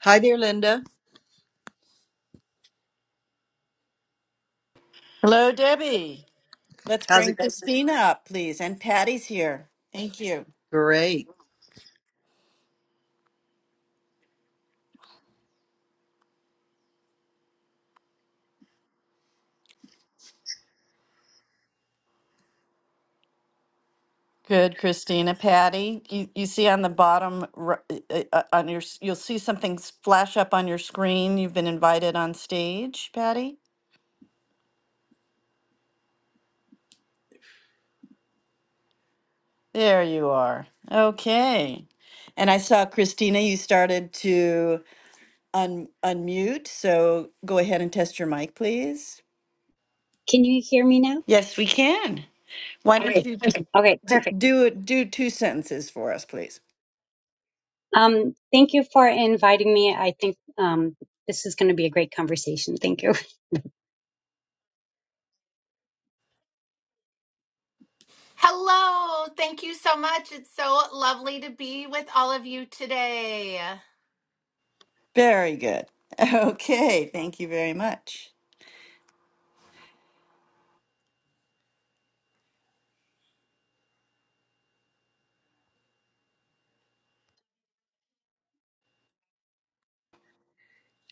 Hi there, Linda. Hello, Debbie. Let's How's bring it? Christina up, please. And Patty's here. Thank you. Great. Good, Christina. Patty, you, you see on the bottom r- uh, uh, on your s- you'll see something s- flash up on your screen. You've been invited on stage, Patty. There you are. Okay. And I saw Christina. You started to un unmute, so go ahead and test your mic, please. Can you hear me now? Yes, we can. Why don't Hi. you Okay, d- perfect. do it? Do two sentences for us, please. Um, thank you for inviting me. I think um, this is going to be a great conversation. Thank you. Hello, thank you so much. It's so lovely to be with all of you today. Very good. Okay, thank you very much.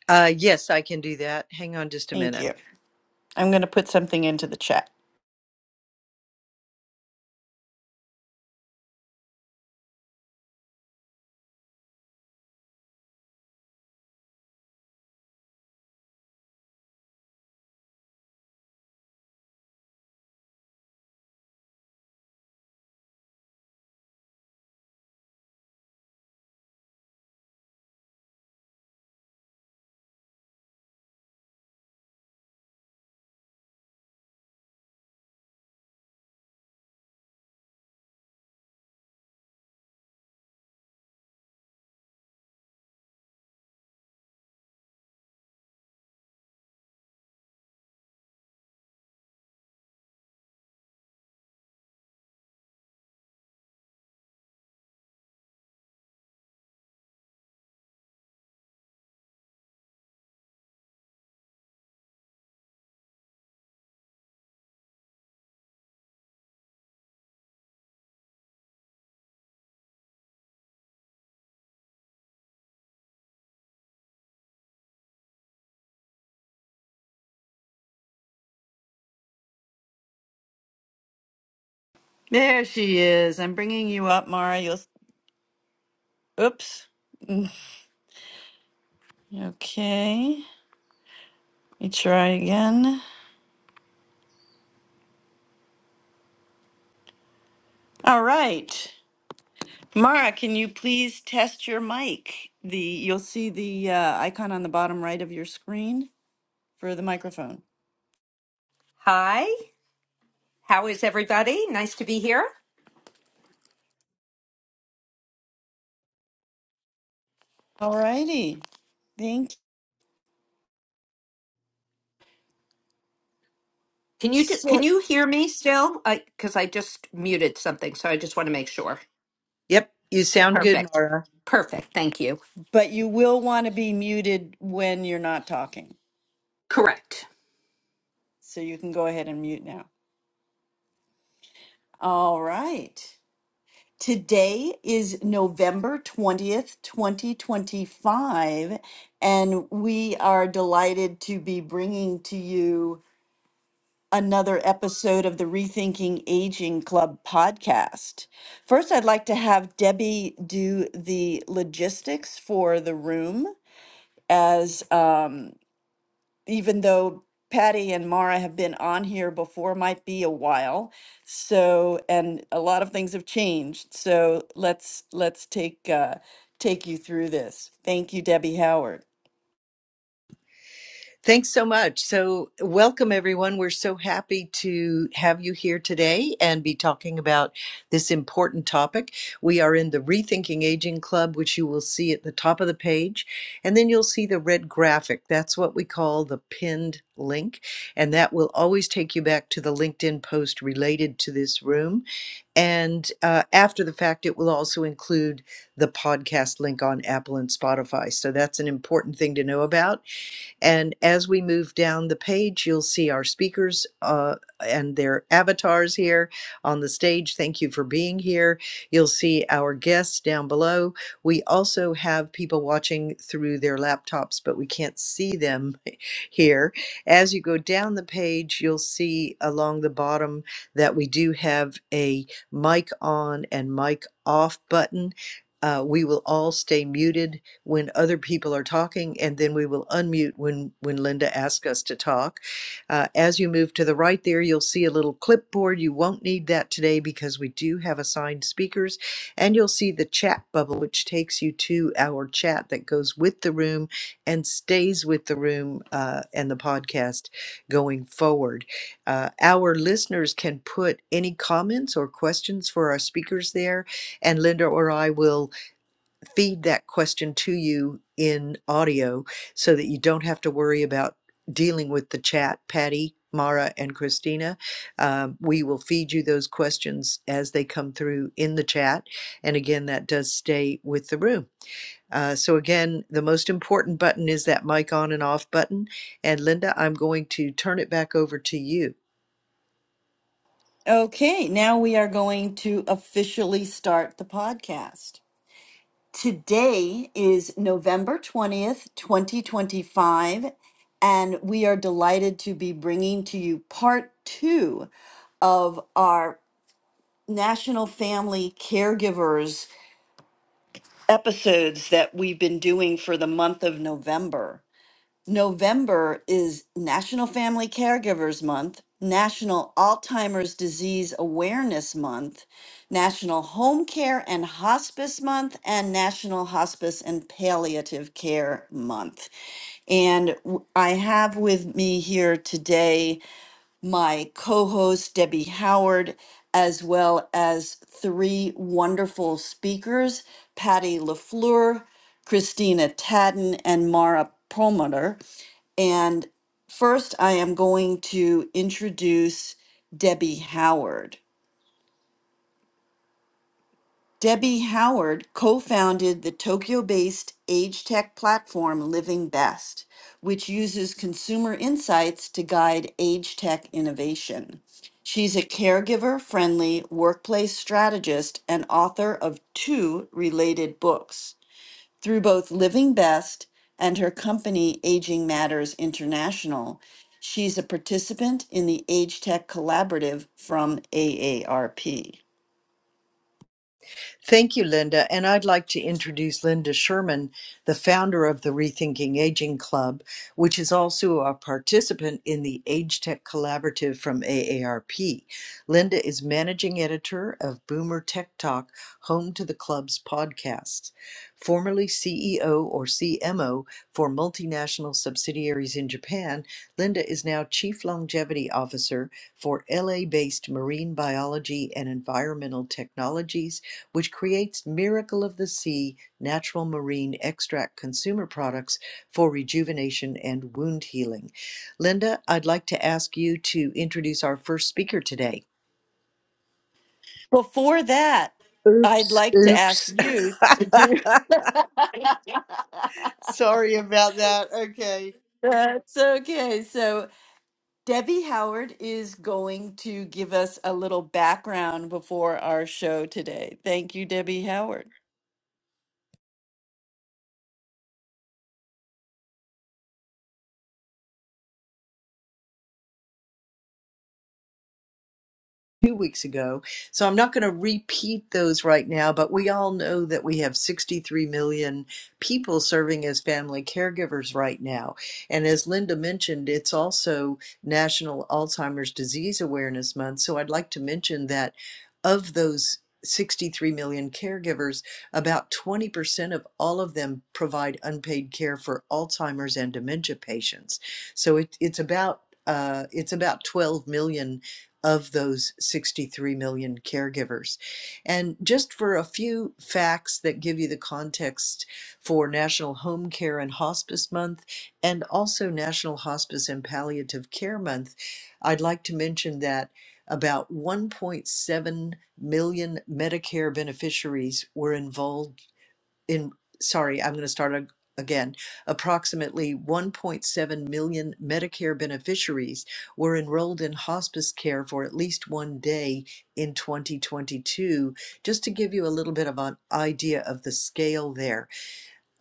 Uh, yes, I can do that. Hang on just a Thank minute. you. I'm going to put something into the chat. There she is. I'm bringing you up, Mara. You'll. Oops. Mm, Okay. Let me try again. All right. Mara, can you please test your mic? The you'll see the uh, icon on the bottom right of your screen for the microphone. Hi, how is everybody? Nice to be here. All righty. Thank you. Can you ju- So, can you hear me still? I because I just muted something, so I just want to make sure. Yep, you sound good, Perfect. Nora. Perfect. Thank you. but you will want to be muted when you're not talking. Correct. So you can go ahead and mute now. All right. Today is November 20th, 2025, and we are delighted to be bringing to you another episode of the Rethinking Aging Club podcast. First, I'd like to have Debbie do the logistics for the room as um, even though Patty and Mara have been on here before, might be a while. So, and a lot of things have changed. So let's let's take uh, take you through this. Thank you, Debbie Howard. Thanks so much. So, welcome everyone. We're so happy to have you here today and be talking about this important topic. We are in the Rethinking Aging Club, which you will see at the top of the page. And then you'll see the red graphic. That's what we call the pinned link. And that will always take you back to the LinkedIn post related to this room. And uh, after the fact, it will also include the podcast link on Apple and Spotify. So, that's an important thing to know about. And as we move down the page, you'll see our speakers uh, and their avatars here on the stage. Thank you for being here. You'll see our guests down below. We also have people watching through their laptops, but we can't see them here. As you go down the page, you'll see along the bottom that we do have a mic on and mic off button. Uh, we will all stay muted when other people are talking, and then we will unmute when, when Linda asks us to talk. Uh, as you move to the right there, you'll see a little clipboard. You won't need that today because we do have assigned speakers, and you'll see the chat bubble, which takes you to our chat that goes with the room and stays with the room uh, and the podcast going forward. Uh, our listeners can put any comments or questions for our speakers there, and Linda or I will feed that question to you in audio so that you don't have to worry about dealing with the chat, Patty, Mara, and Christina. Um, we will feed you those questions as they come through in the chat. And again, that does stay with the room. Uh, so again, the most important button is that mic on and off button. And Linda, I'm going to turn it back over to you Okay, now we are going to officially start the podcast. Today is November 20th, 2025, and we are delighted to be bringing to you part two of our National Family Caregivers episodes that we've been doing for the month of November. November is National Family Caregivers Month, National Alzheimer's Disease Awareness Month, National Home Care and Hospice Month, and National Hospice and Palliative Care Month. And w- I have with me here today my co host, Debbie Howard, as well as three wonderful speakers Patty LaFleur, Christina Tadden, and Mara Perlmutter. And first, I am going to introduce Debbie Howard. Debbie Howard co founded the Tokyo based age tech platform Living Best, which uses consumer insights to guide age tech innovation. She's a caregiver friendly workplace strategist and author of two related books. Through both Living Best and her company Aging Matters International, she's a participant in the Age Tech Collaborative from AARP. Thank you, Linda. And I'd like to introduce Linda Sherman, the founder of the Rethinking Aging Club, which is also a participant in the Age Tech Collaborative from AARP. Linda is managing editor of Boomer Tech Talk, home to the club's podcast. Formerly CEO or CMO for multinational subsidiaries in Japan, Linda is now Chief Longevity Officer for LA based Marine Biology and Environmental Technologies which creates Miracle of the Sea natural marine extract consumer products for rejuvenation and wound healing. Linda, I'd like to ask you to introduce our first speaker today. Before that, I'd Oops, like to ask oops. you to do. Sorry about that. Okay. That's okay. So, Debbie Howard is going to give us a little background before our show today. Thank you, Debbie Howard. two weeks ago. So I'm not going to repeat those right now, but we all know that we have 63 million people serving as family caregivers right now. And as Linda mentioned, it's also National Alzheimer's Disease Awareness Month. So I'd like to mention that of those 63 million caregivers, about 20% of all of them provide unpaid care for Alzheimer's and dementia patients. So it, it's about uh, it's about 12 million of those 63 million caregivers. And just for a few facts that give you the context for National Home Care and Hospice Month and also National Hospice and Palliative Care Month, I'd like to mention that about 1.7 million Medicare beneficiaries were involved in sorry, I'm going to start ag- again. Approximately 1.7 million Medicare beneficiaries were enrolled in hospice care for at least one day in 2022. Just to give you a little bit of an idea of the scale there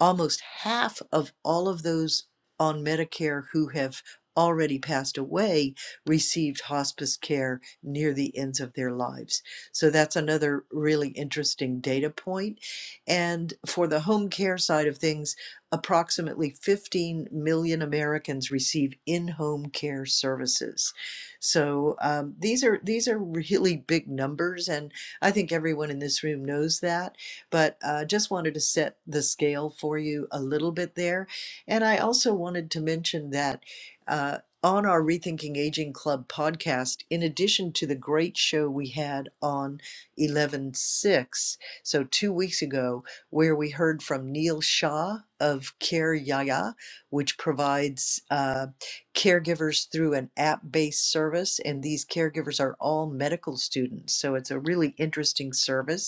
almost half of all of those on Medicare who have already passed away received hospice care near the ends of their lives. So that's another really interesting data point. And for the home care side of things, approximately 15 million Americans receive in-home care services. So um, these are these are really big numbers, and I think everyone in this room knows that but uh, just wanted to set the scale for you a little bit there. And I also wanted to mention that uh, on our Rethinking Aging Club podcast, in addition to the great show we had on 11 6, so two weeks ago, where we heard from Neil Shah of Care Yaya, which provides uh, caregivers through an app based service. And these caregivers are all medical students. So it's a really interesting service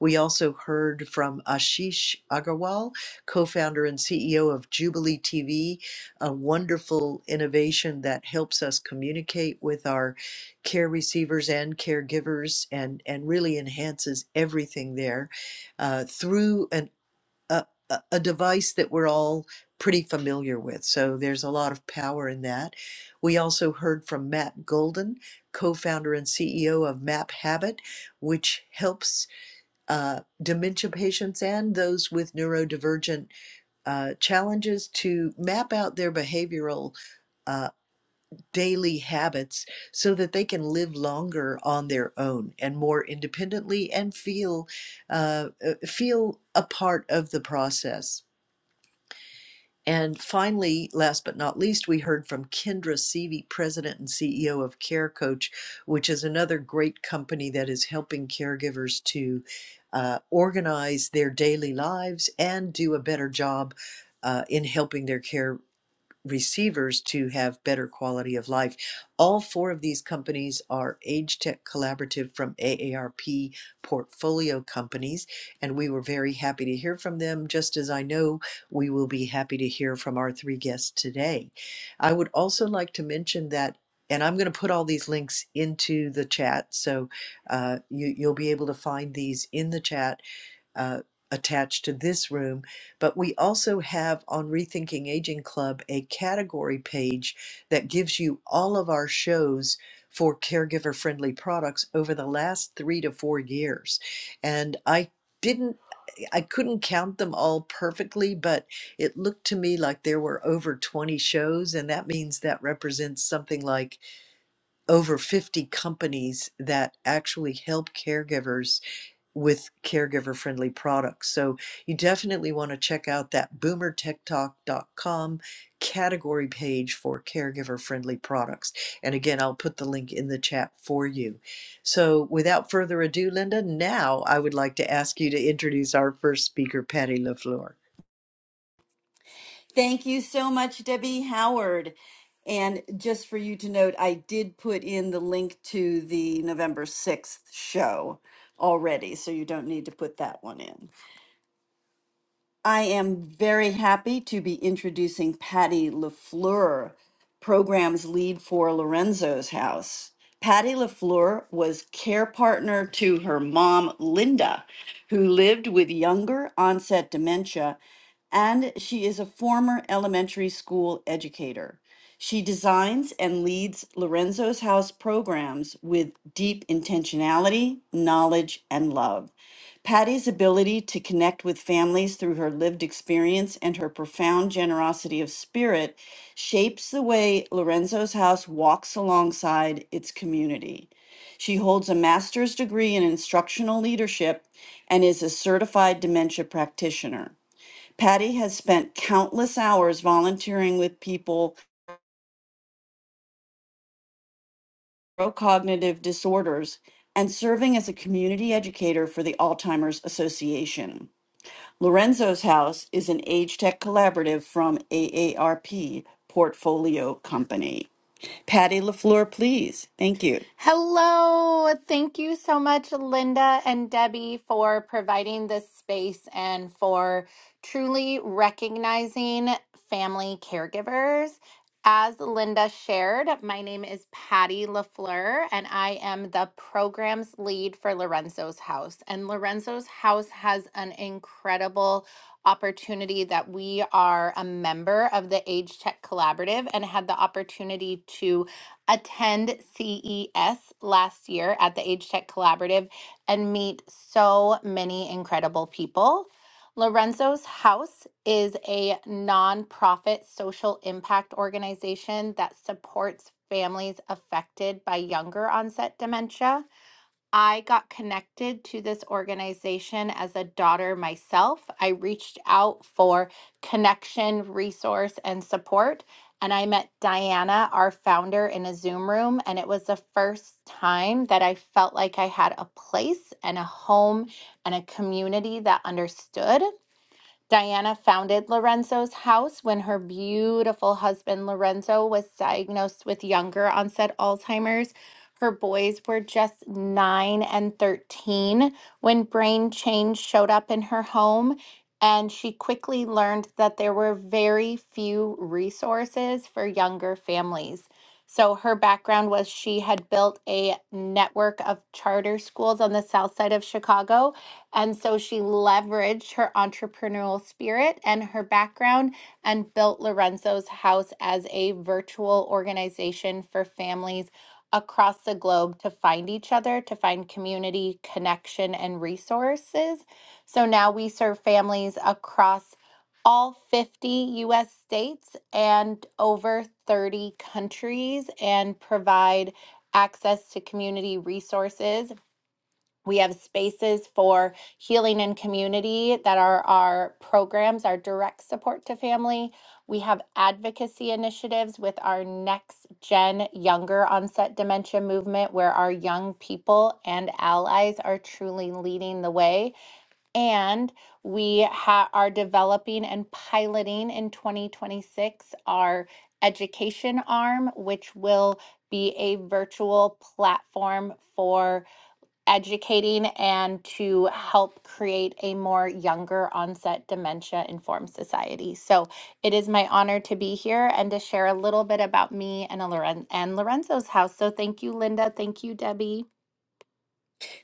we also heard from Ashish Agarwal, co founder and CEO of Jubilee TV, a wonderful innovation that helps us communicate with our care receivers and caregivers and, and really enhances everything there uh, through an, a, a a device that we're all pretty familiar with. So there's a lot of power in that. We also heard from Matt Golden, co founder and CEO of Map Habit, which helps uh, dementia patients and those with neurodivergent uh, challenges to map out their behavioral uh, daily habits so that they can live longer on their own and more independently and feel uh, uh, feel a part of the process and finally, last but not least, we heard from Kendra Seavey, President and CEO of Care Coach, which is another great company that is helping caregivers to uh, organize their daily lives and do a better job uh, in helping their care receivers to have better quality of life. All four of these companies are Age Tech Collaborative from AARP portfolio companies, and we were very happy to hear from them, just as I know we will be happy to hear from our three guests today. I would also like to mention that. And I'm going to put all these links into the chat, so uh, you, you'll be able to find these in the chat uh, attached to this room, but we also have on Rethinking Aging Club a category page that gives you all of our shows for caregiver friendly products over the last three to four years. And I didn't I couldn't count them all perfectly, but it looked to me like there were over 20 shows, and that means that represents something like over 50 companies that actually help caregivers with caregiver friendly products. So you definitely want to check out that boomertechtalk.com category page for caregiver friendly products. And again, I'll put the link in the chat for you. So without further ado, Linda, now I would like to ask you to introduce our first speaker, Patty LaFleur. Thank you so much, Debbie Howard. And just for you to note, I did put in the link to the November 6th show already, so you don't need to put that one in. I am very happy to be introducing Patty LaFleur, program's lead for Lorenzo's House. Patty LaFleur was care partner to her mom, Linda, who lived with younger onset dementia, and she is a former elementary school educator. She designs and leads Lorenzo's House programs with deep intentionality, knowledge, and love. Patty's ability to connect with families through her lived experience and her profound generosity of spirit shapes the way Lorenzo's house walks alongside its community. She holds a master's degree in instructional leadership and is a certified dementia practitioner. Patty has spent countless hours volunteering with people with cognitive disorders and serving as a community educator for the Alzheimer's Association. Lorenzo's House is an age tech collaborative from AARP Portfolio Company. Patty LaFleur, please. Thank you. Hello. Thank you so much, Linda and Debbie, for providing this space and for truly recognizing family caregivers. As Linda shared, my name is Patty LaFleur, and I am the programs lead for Lorenzo's House. And Lorenzo's House has an incredible opportunity that we are a member of the Age Tech Collaborative and had the opportunity to attend CES last year at the Age Tech Collaborative and meet so many incredible people. Lorenzo's House is a nonprofit social impact organization that supports families affected by younger onset dementia. I got connected to this organization as a daughter myself. I reached out for connection, resource, and support. And I met Diana, our founder, in a Zoom room. And it was the first time that I felt like I had a place and a home and a community that understood. Diana founded Lorenzo's house when her beautiful husband Lorenzo was diagnosed with younger onset Alzheimer's. Her boys were just 9 and 13 when brain change showed up in her home, and she quickly learned that there were very few resources for younger families. So her background was she had built a network of charter schools on the south side of Chicago and so she leveraged her entrepreneurial spirit and her background and built Lorenzo's House as a virtual organization for families across the globe to find each other, to find community, connection, and resources. So now we serve families across all 50 US states and over 30 countries and provide access to community resources we have spaces for healing and community that are our programs, our direct support to family. We have advocacy initiatives with our next gen younger onset dementia movement, where our young people and allies are truly leading the way. And we ha- are developing and piloting in 2026 our education arm, which will be a virtual platform for educating and to help create a more younger onset dementia informed society. So it is my honor to be here and to share a little bit about me and, a Loren- and Lorenzo's house. So thank you, Linda. Thank you, Debbie.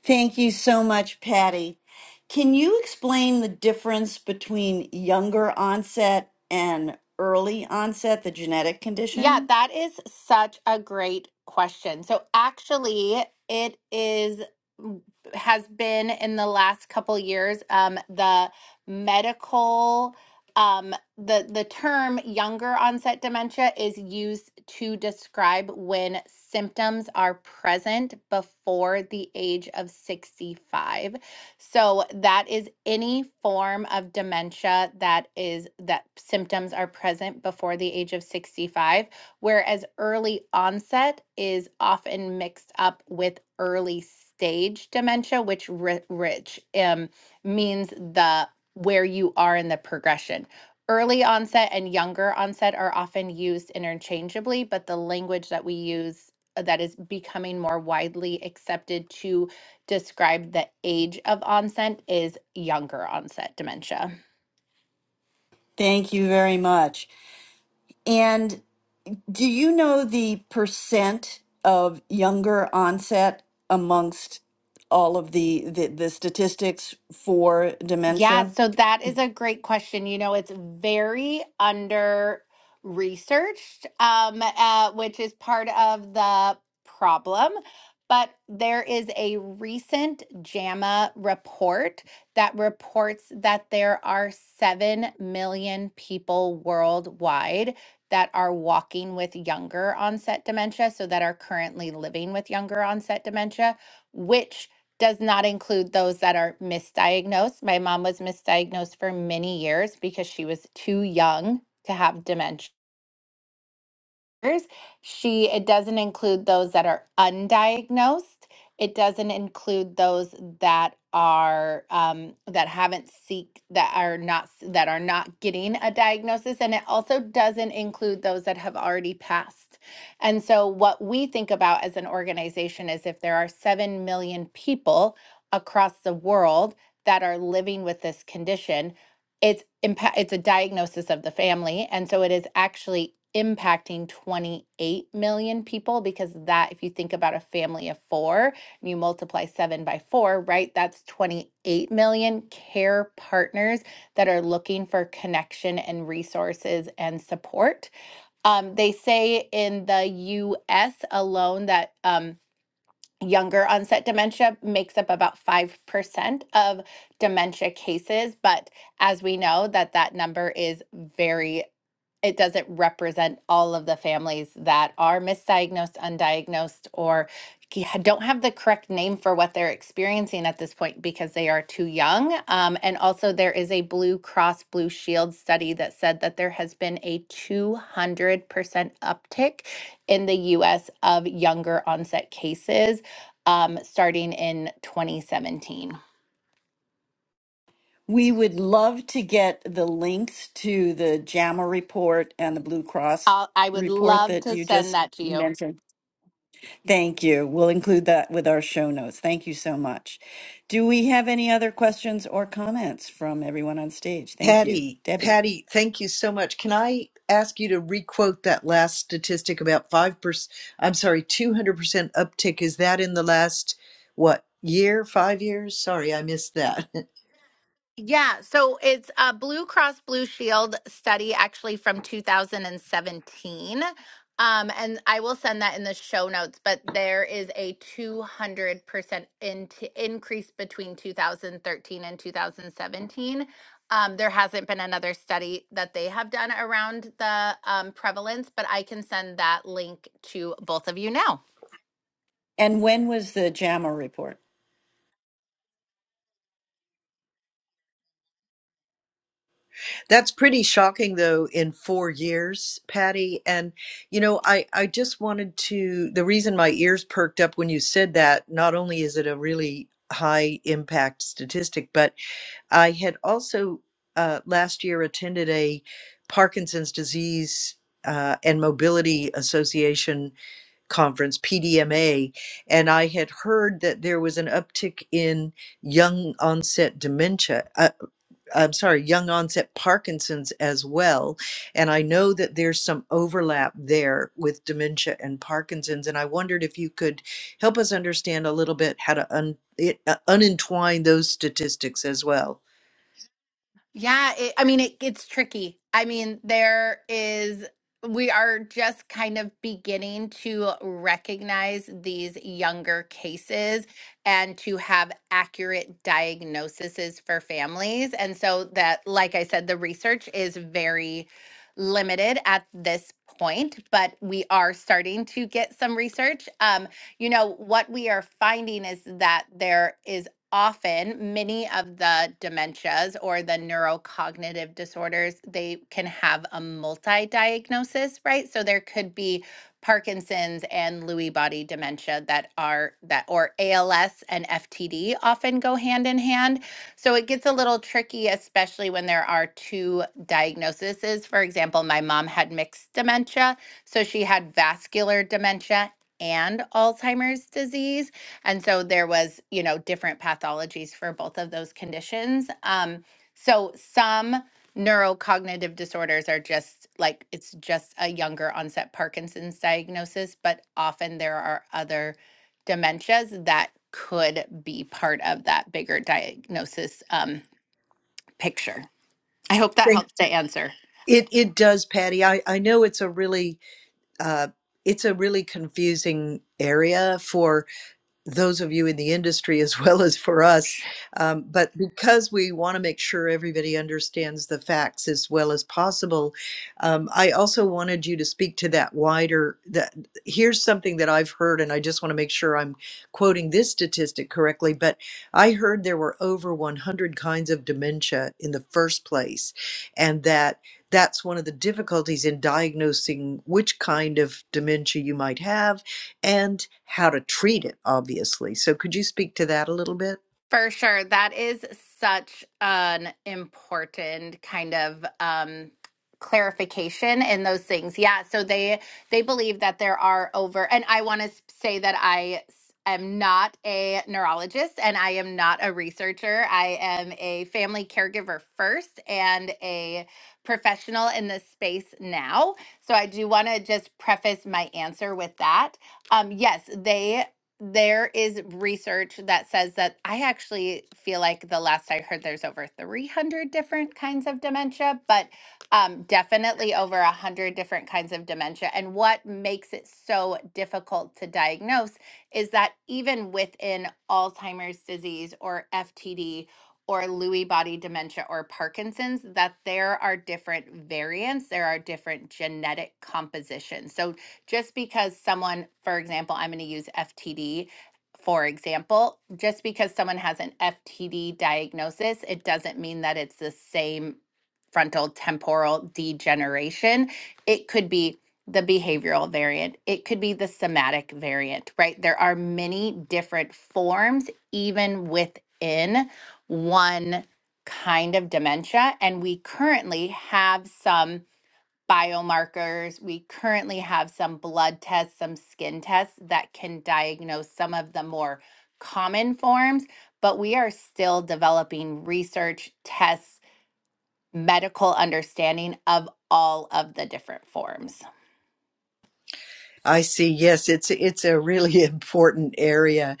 Thank you so much, Patty. Can you explain the difference between younger onset and early onset, the genetic Yeah, condition? that is such a great question. So actually, it is has been in the last couple years um the medical um the the term younger onset dementia is used to describe when symptoms are present before the age of 65 so that is any form of dementia that is that symptoms are present before the age of 65, whereas early onset is often mixed up with early stage dementia, which ri- rich um, means the where you are in the progression. Early onset and younger onset are often used interchangeably, but the language that we use uh, that is becoming more widely accepted to described the age of onset is younger onset dementia. Thank you very much. And. Do you know the percent of younger onset amongst all of the, the, the statistics for Yeah, dementia? so that is a great question. You know, it's very under researched, um, uh, which is part of the problem. But there is a recent JAMA report that reports that there are 7 million people worldwide that are walking with younger onset dementia, so that are currently living with younger onset dementia, which does not include those that are misdiagnosed. My mom was misdiagnosed for many years because she was too young to have dementia. She it doesn't include those that are undiagnosed. It doesn't include those that are um, that haven't seek that are not s- that are not getting a diagnosis, and it also doesn't include those that have already passed. And so, what we think about as an organization is if there are seven million people across the world that are living with this condition, it's impact it's a diagnosis of the family and so it is actually impacting 28 million people because that if you think about a family of 4 and you multiply 7 by 4 right that's 28 million care partners that are looking for connection and resources and support um, they say in the US alone that um, younger onset dementia makes up about 5% of dementia cases but as we know that that number is very it doesn't represent all of the families that are misdiagnosed, undiagnosed, or c- don't have the correct name for what they're experiencing at this point because they are too young. Um, and also, there is a Blue Cross Blue Shield study that said that there has been a 200% uptick in the US of younger onset cases um, starting in 2017. We would love to get the links to the JAMA report and the Blue Cross I'll, I would report love that to you send just that to you. mentioned. Thank you. We'll include that with our show notes. Thank you so much. Do we have any other questions or comments from everyone on stage? Thank you. Patty, Debbie. Patty, thank you so much. Can I ask you to requote that last statistic about 5%, I'm sorry, 200% uptick? Is that in the last, what, year, five years? Sorry, I missed that. Yeah, so it's a Blue Cross Blue Shield study actually from 2017. Um, and I will send that in the show notes, but there is a 200% increase between 2013 and 2017. Um, there hasn't been another study that they have done around the um, prevalence, but I can send that link to both of you now. And when was the JAMA report? That's pretty shocking, though, in four years, Patty. And, you know, I, I just wanted to, the reason my ears perked up when you said that, not only is it a really high impact statistic, but I had also uh, last year attended a Parkinson's disease uh, and mobility association conference, PDMA, and I had heard that there was an uptick in young onset dementia. Uh, I'm sorry, young onset Parkinson's as well. And I know that there's some overlap there with dementia and Parkinson's. And I wondered if you could help us understand a little bit how to un- it, uh, unentwine those statistics as well. Yeah, it, I mean it it's tricky. I mean there is we are just kind of beginning to recognize these younger cases and to have accurate diagnoses for families. And so that like I said the research is very limited at this point, but we are starting to get some research. Um you know what we are finding is that there is often many of the dementias or the neurocognitive disorders they can have a multi-diagnosis right so there could be parkinson's and lewy body dementia that are that or als and ftd often go hand in hand so it gets a little tricky especially when there are two diagnoses for example my mom had mixed dementia so she had vascular dementia and alzheimer's disease and so there was, you know, different pathologies for both of those conditions. Um, so some neurocognitive disorders are just like it's just a younger onset Parkinson's diagnosis, but often there are other dementias that could be part of that bigger diagnosis um, picture. I hope that Thank helps to answer. It it does, Patty. I I know it's a really uh it's a really confusing area for those of you in the industry as well as for us. Um, but because we want to make sure everybody understands the facts as well as possible, um, I also wanted you to speak to that wider. That here's something that I've heard, and I just want to make sure I'm quoting this statistic correctly. But I heard there were over 100 kinds of dementia in the first place, and that. That's one of the difficulties in diagnosing which kind of dementia you might have and how to treat it obviously so could you speak to that a little bit For sure. That is such an important kind of um, clarification in those things. Yeah. So they they believe that there are over, and I want to say that I s- am not a neurologist and I am not a researcher. I am a family caregiver first and a professional in this space now. So I do want to just preface my answer with that. Um, yes, they there is research that says that I actually feel like the last I heard there's over 300 different kinds of dementia, but um, definitely over 100 different kinds of dementia. And what makes it so difficult to diagnose is that even within Alzheimer's disease or FTD or Lewy body dementia or Parkinson's, that there are different variants, there are different genetic compositions. So just because someone, for example, I'm going to use FTD. For example, just because someone has an FTD diagnosis, it doesn't mean that it's the same frontal temporal degeneration. It could be the behavioral variant, it could be the somatic variant, right? There are many different forms, even within one kind of dementia. And we currently have some biomarkers. We currently have some blood tests, some skin tests that can diagnose some of the more common forms, but we are still developing research tests, medical understanding of all of the different forms. i see yes it's it's a really important area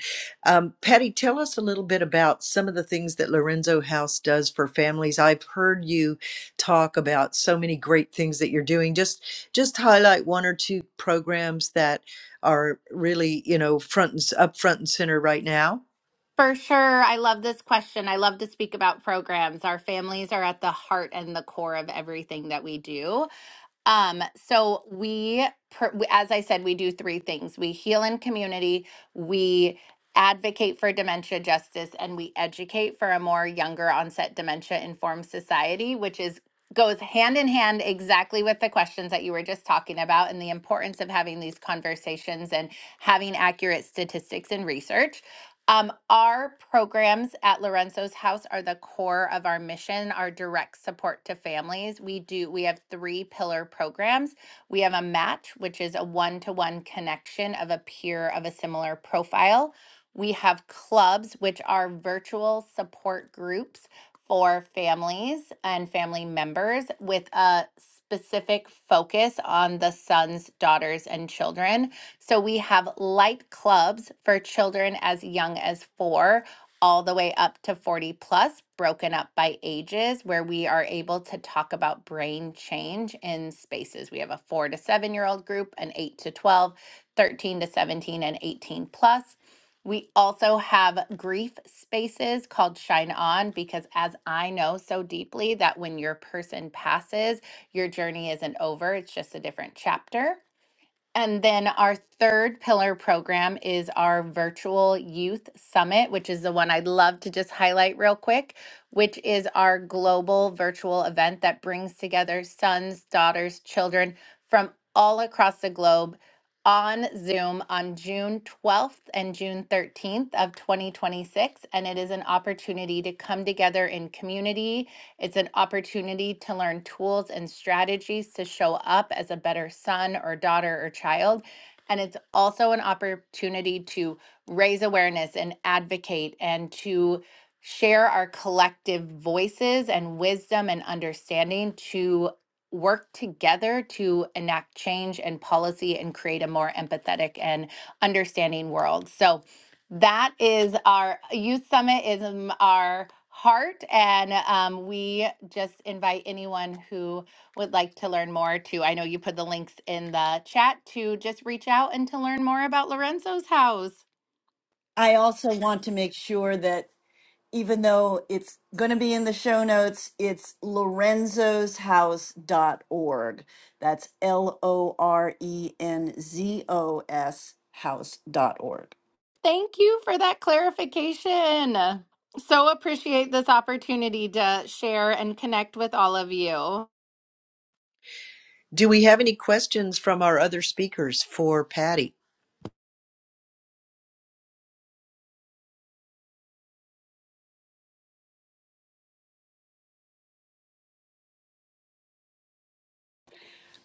um, patty tell us a little bit about some of the things that lorenzo house does for families i've heard you talk about so many great things that you're doing just just highlight one or two programs that are really you know front and up front and center right now For sure. I love this question. I love to speak about programs. Our families are at the heart and the core of everything that we do. Um, so we, per, we- as I said, we do three things: we heal in community, we advocate for dementia justice, and we educate for a more younger onset dementia informed society, which is goes hand in hand exactly with the questions that you were just talking about and the importance of having these conversations and having accurate statistics and research. Um, our programs at Lorenzo's House are the core of our mission, our direct support to families. We do we have three pillar programs. We have a match, which is a one-to-one connection of a peer of a similar profile. We have clubs, which are virtual support groups for families and family members with a specific focus on the sons, daughters, and children. So we have light clubs for children as young as four all the way up to 40 plus, broken up by ages, where we are able to talk about brain change in spaces. We have a four to seven year old group, an eight to 12, 13 to 17, and 18 plus. We also have grief spaces called Shine On because, as I know so deeply, that when your person passes, your journey isn't over, it's just a different chapter. And then our third pillar program is our virtual youth summit, which is the one I'd love to just highlight real quick, which is our global virtual event that brings together sons, daughters, children from all across the globe on Zoom on June 12th and June 13th of 2026. And it is an opportunity to come together in community it's an opportunity to learn tools and strategies to show up as a better son or daughter or child. And it's also an opportunity to raise awareness and advocate and to share our collective voices and wisdom and understanding to work together to enact change and policy and create a more empathetic and understanding world. So, that is our youth summit is um, our heart, and um, we just invite anyone who would like to learn more to. I know you put the links in the chat to just reach out and to learn more about Lorenzo's house. I also want to make sure that even though it's going to be in the show notes, it's lorenzos house dot org. That's L O R E N Z O S House dot org. Thank you for that clarification. So appreciate this opportunity to share and connect with all of you. do we have any questions from our other speakers for patty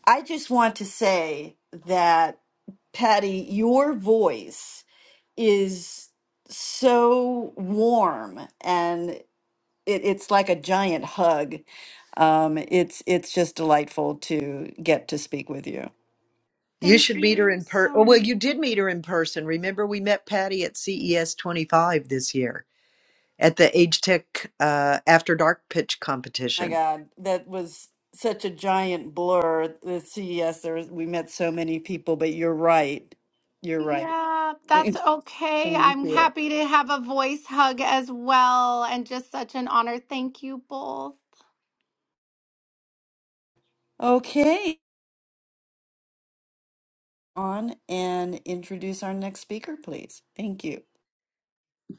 I just want to say that, Patty, your voice is so warm and it, it's like a giant hug. Um, it's it's just delightful to get to speak with you. You Thank should meet her you in per. so Oh, well, much. you did meet her in person. Remember, we met Patty at CES 25 this year at the Age Tech uh, After Dark Pitch my Competition. God, that was such a giant blur. The CES, there was, we met so many people, but you're right. You're right. Yeah, that's Thank okay. I'm you. happy to have a voice hug as well, and just such an honor. Thank you both. Okay, on and introduce our next speaker, please. Thank you.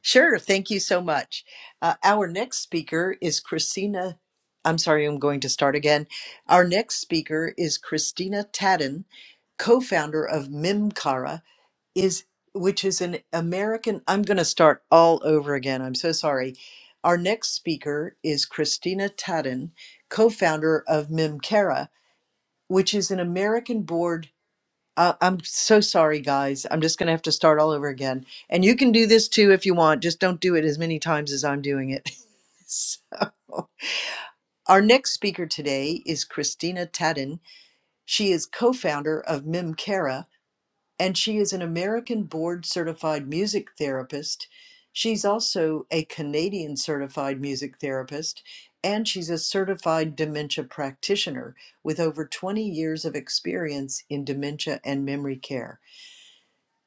Sure. Thank you so much. Uh, our next speaker is Christina. I'm sorry, I'm going to start again. Our next speaker is Christina Tadden, co founder of Mimkara, is which is an American. I'm going to start all over again. I'm so sorry. Our next speaker is Christina Tadden, co-founder of Mimkera, which is an American board. Uh, I'm so sorry, guys. I'm just going to have to start all over again. And you can do this too if you want. Just don't do it as many times as I'm doing it. so, our next speaker today is Christina Tadden. She is co-founder of Mimkera, and she is an American board certified music therapist. She's also a Canadian certified music therapist, and she's a certified dementia practitioner with over 20 years of experience in dementia and memory care.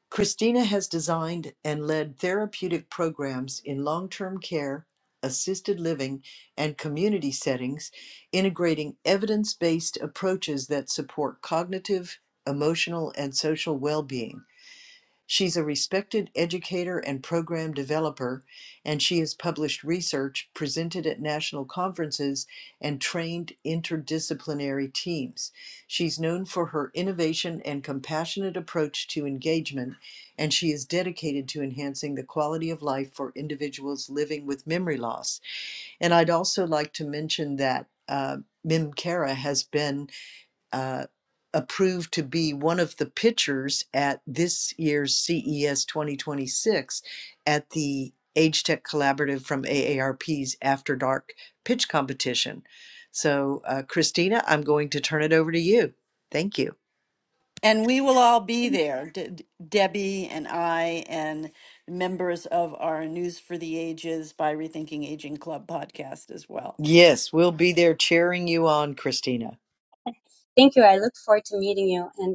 Christina has designed and led therapeutic programs in long term care, assisted living, and community settings, integrating evidence based approaches that support cognitive, emotional, and social well being. She's a respected educator and program developer, and she has published research, presented at national conferences, and trained interdisciplinary teams. She's known for her innovation and compassionate approach to engagement, and she is dedicated to enhancing the quality of life for individuals living with memory loss. And I'd also like to mention that uh, Mim Cara has been uh, approved to be one of the pitchers at this year's CES 2026 at the Age Tech Collaborative from AARP's After Dark Pitch Competition. So, uh, Christina, I'm going to turn it over to you. Thank you. And we will all be there, De- De- Debbie and I, and members of our News for the Ages by Rethinking Aging Club podcast as well. Yes, we'll be there cheering you on, Christina. Thank you. I look forward to meeting you. And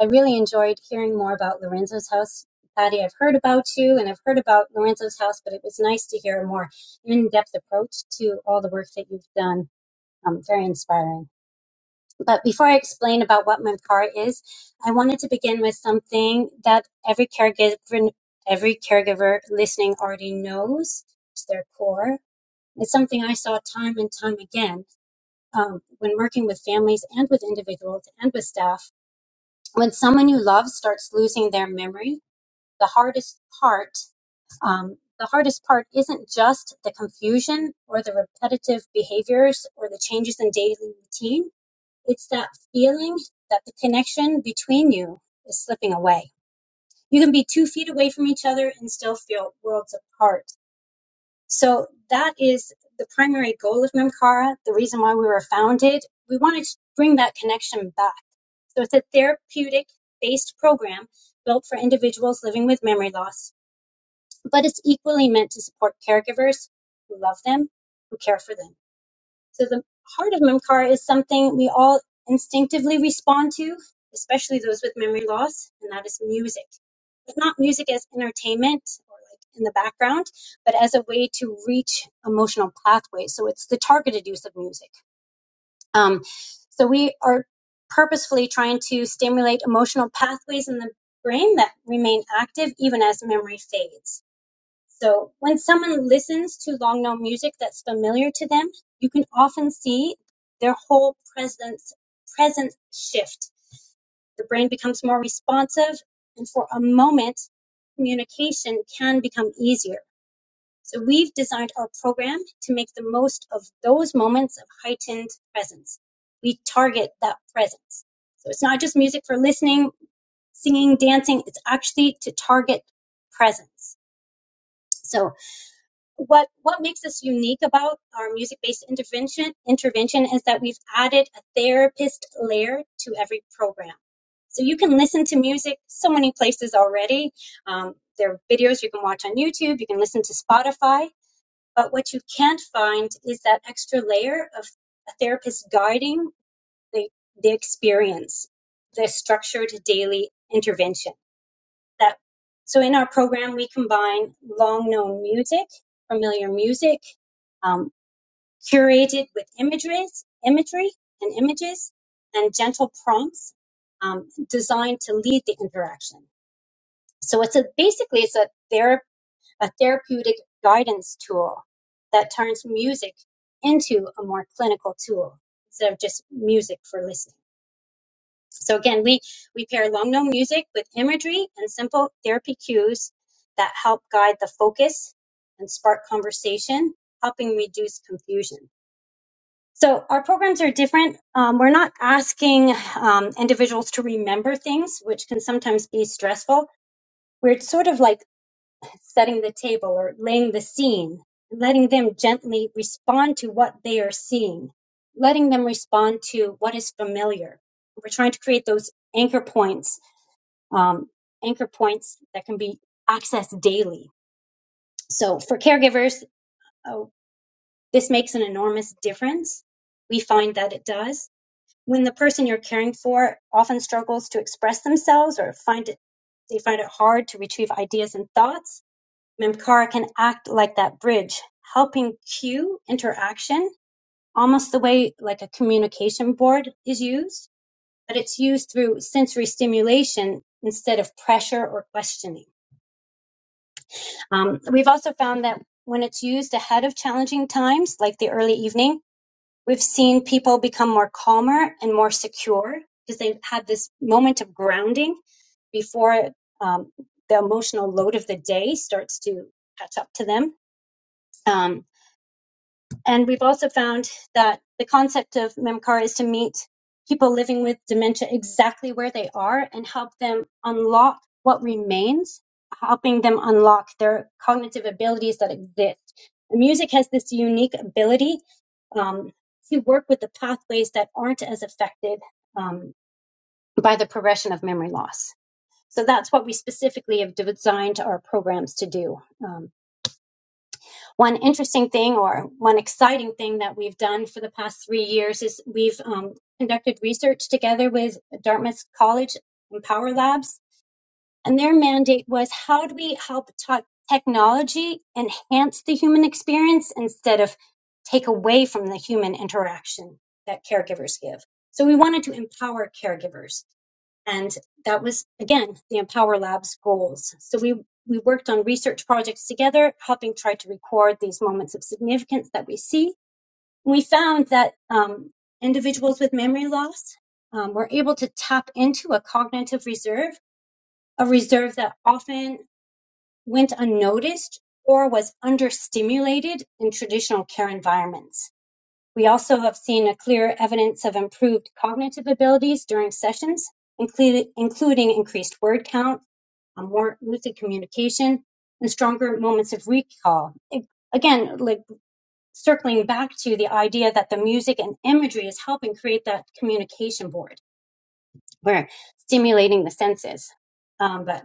I really enjoyed hearing more about Lorenzo's house. Patty, I've heard about you and I've heard about Lorenzo's house, but it was nice to hear a more in depth approach to all the work that you've done. Um, very inspiring. But before I explain about what Memcar is, I wanted to begin with something that every caregiver, every caregiver listening already knows. It's their core. It's something I saw time and time again um, when working with families and with individuals and with staff when someone you love starts losing their memory, the hardest part, um, the hardest part isn't just the confusion or the repetitive behaviors or the changes in daily routine. It's that feeling that the connection between you is slipping away. You can be two feet away from each other and still feel worlds apart. So that is the primary goal of Memcara, the reason why we were founded. We wanted to bring that connection back so it's a therapeutic based program built for individuals living with memory loss, but it's equally meant to support caregivers who love them, who care for them. So the heart of MMCAR is something we all instinctively respond to, especially those with memory loss, and that is music. But not music as entertainment or like in the background, but as a way to reach emotional pathways. So it's the targeted use of music um, so we are purposefully trying to stimulate emotional pathways in the brain that remain active even as memory fades. So when someone listens to long known music that's familiar to them, you can often see their whole presence presence shift. The brain becomes more responsive, and for a moment, communication can become easier. So we've designed our program to make the most of those moments of heightened presence. We target that presence. So it's not just music for listening, singing, dancing. It's actually to target presence. So what, what makes us unique about our music-based intervention, intervention is that we've added a therapist layer to every program. So you can listen to music so many places already. Um, there are videos you can watch on YouTube. You can listen to Spotify but what you can't find is that extra layer of a therapist guiding the, the experience, the structured daily intervention. That so in our program we combine long known music, familiar music, um, curated with images, imagery and images, and gentle prompts um, designed to lead the interaction. So it's a basically it's a therapy a therapeutic guidance tool that turns music into a more clinical tool instead of just music for listening. So again, we, we pair long known music with imagery and simple therapy cues that help guide the focus and spark conversation, helping reduce confusion. So our programs are different. Um, we're not asking um, individuals to remember things, which can sometimes be stressful. We're sort of like setting the table or laying the scene, letting them gently respond to what they are seeing, letting them respond to what is familiar. We're trying to create those anchor points, um, anchor points that can be accessed daily. So for caregivers, oh, this makes an enormous difference. We find that it does. When the person you're caring for often struggles to express themselves or find it, they find it hard to retrieve ideas and thoughts, Memcara can act like that bridge, helping cue interaction almost the way like a communication board is used, but it's used through sensory stimulation instead of pressure or questioning. Um, we've also found that when it's used ahead of challenging times, like the early evening, we've seen people become more calmer and more secure because they've had this moment of grounding before um, the emotional load of the day starts to catch up to them. Um, And we've also found that the concept of Memcar is to meet people living with dementia exactly where they are and help them unlock what remains, helping them unlock their cognitive abilities that exist. And music has this unique ability um, to work with the pathways that aren't as affected um, by the progression of memory loss. So that's what we specifically have designed our programs to do. Um, one interesting thing or one exciting thing that we've done for the past three years is we've um, conducted research together with Dartmouth College and Power Labs, and their mandate was how do we help tech- technology enhance the human experience instead of take away from the human interaction that caregivers give. So we wanted to empower caregivers and that was again the empower labs goals so we we worked on research projects together helping try to record these moments of significance that we see we found that um, individuals with memory loss um, were able to tap into a cognitive reserve a reserve that often went unnoticed or was understimulated in traditional care environments we also have seen a clear evidence of improved cognitive abilities during sessions, including, increased word count, more lucid communication, and stronger moments of recall. again, like circling back to the idea that the music and imagery is helping create that communication board. We're stimulating the senses. Um, but.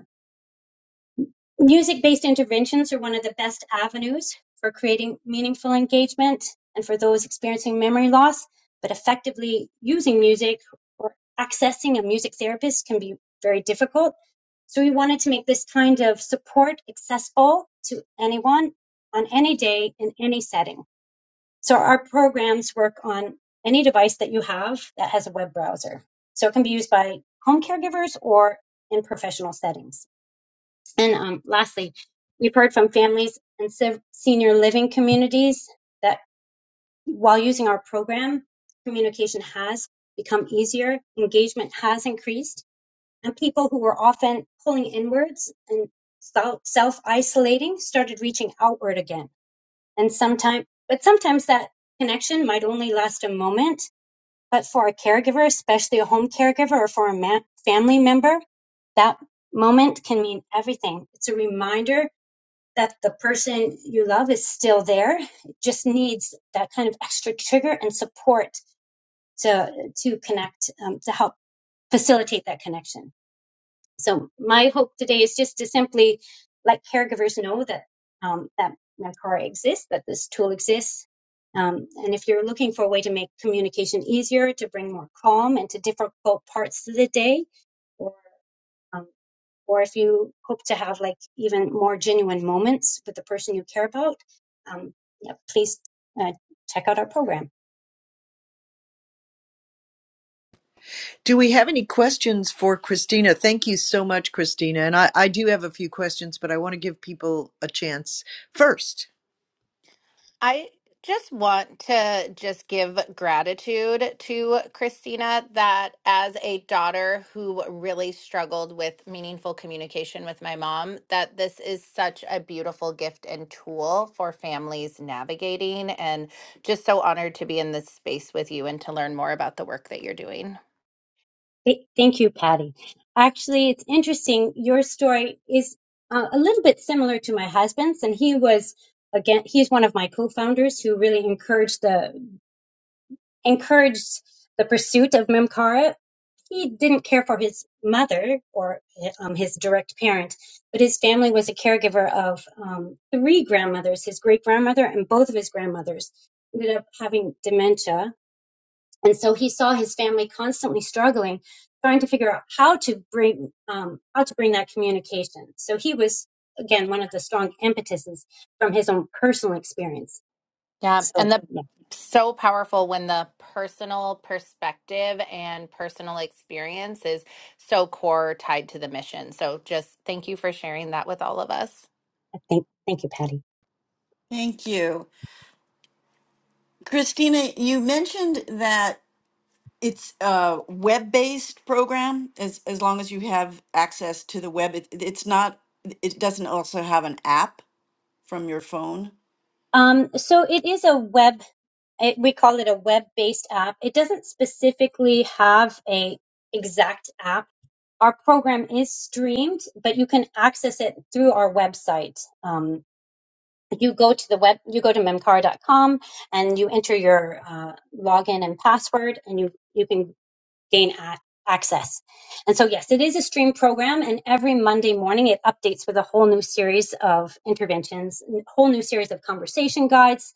Music based interventions are one of the best avenues for creating meaningful engagement and for those experiencing memory loss, but effectively using music or accessing a music therapist can be very difficult. So, we wanted to make this kind of support accessible to anyone on any day in any setting. So, our programs work on any device that you have that has a web browser. So, it can be used by home caregivers or in professional settings. And um, lastly, we've heard from families and se- senior living communities that while using our program, communication has become easier, engagement has increased, and people who were often pulling inwards and self isolating started reaching outward again. And sometimes, but sometimes that connection might only last a moment. But for a caregiver, especially a home caregiver or for a ma- family member, that moment can mean everything. It's a reminder that the person you love is still there. It just needs that kind of extra trigger and support to to connect, um, to help facilitate that connection. So my hope today is just to simply let caregivers know that um, that Mentora exists, that this tool exists. Um, and if you're looking for a way to make communication easier, to bring more calm into difficult parts of the day, or um, or if you hope to have like even more genuine moments with the person you care about, um, yeah, please uh, check out our program. Do we have any questions for Christina? Thank you so much, Christina. And I, I do have a few questions, but I want to give people a chance first. I just want to just give gratitude to Christina that as a daughter who really struggled with meaningful communication with my mom, that this is such a beautiful gift and tool for families navigating and just so honored to be in this space with you and to learn more about the work that you're doing. Th- thank you, Patty. Actually, it's interesting. Your story is uh, a little bit similar to my husband's, and he was again. He's one of my co-founders who really encouraged the encouraged the pursuit of memkara he didn't care for his mother or um, his direct parent, but his family was a caregiver of um, three grandmothers, his great grandmother and both of his grandmothers ended up having dementia. And so he saw his family constantly struggling, trying to figure out how to bring um, how to bring that communication. So he was again one of the strong impetuses from his own personal experience. Yeah. So And the yeah, so powerful when the personal perspective and personal experience is so core tied to the mission. So just thank you for sharing that with all of us. thank thank you, Patty. Thank you. Christina, you mentioned that. It's a web-based program as as long as you have access to the web. It, it's not it doesn't also have an app from your phone. Um, so it is a web, it, we call it a web-based app. It doesn't specifically have a exact app. Our program is streamed, but you can access it through our website. Um, you go to the web, you go to memcara dot com and you enter your uh, login and password, and you you can gain a- access. And so, yes, it is a stream program, and every Monday morning it updates with a whole new series of interventions, n- whole new series of conversation guides,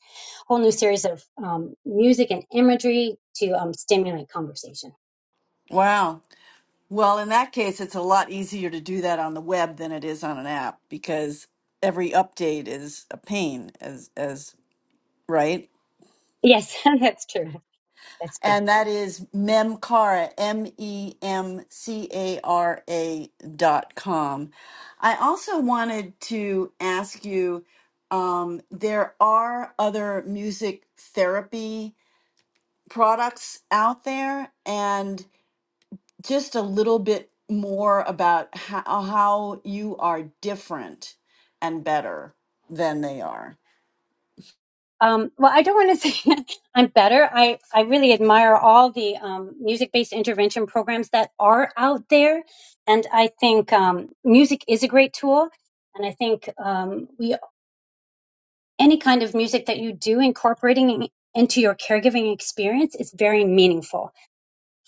whole new series of um, music and imagery to um, stimulate conversation. Wow. Well, in that case, it's a lot easier to do that on the web than it is on an app because every update is a pain as as right? Yes, that's true. That's true. and that is memcara m e m c a r a dot com. I also wanted to ask you. Um, there are other music therapy products out there, and just a little bit more about how, how you are different and better than they are. Um, well, I don't want to say I'm better. I, I really admire all the um, music based intervention programs that are out there. And I think um, music is a great tool. And I think um, we any kind of music that you do incorporating into your caregiving experience is very meaningful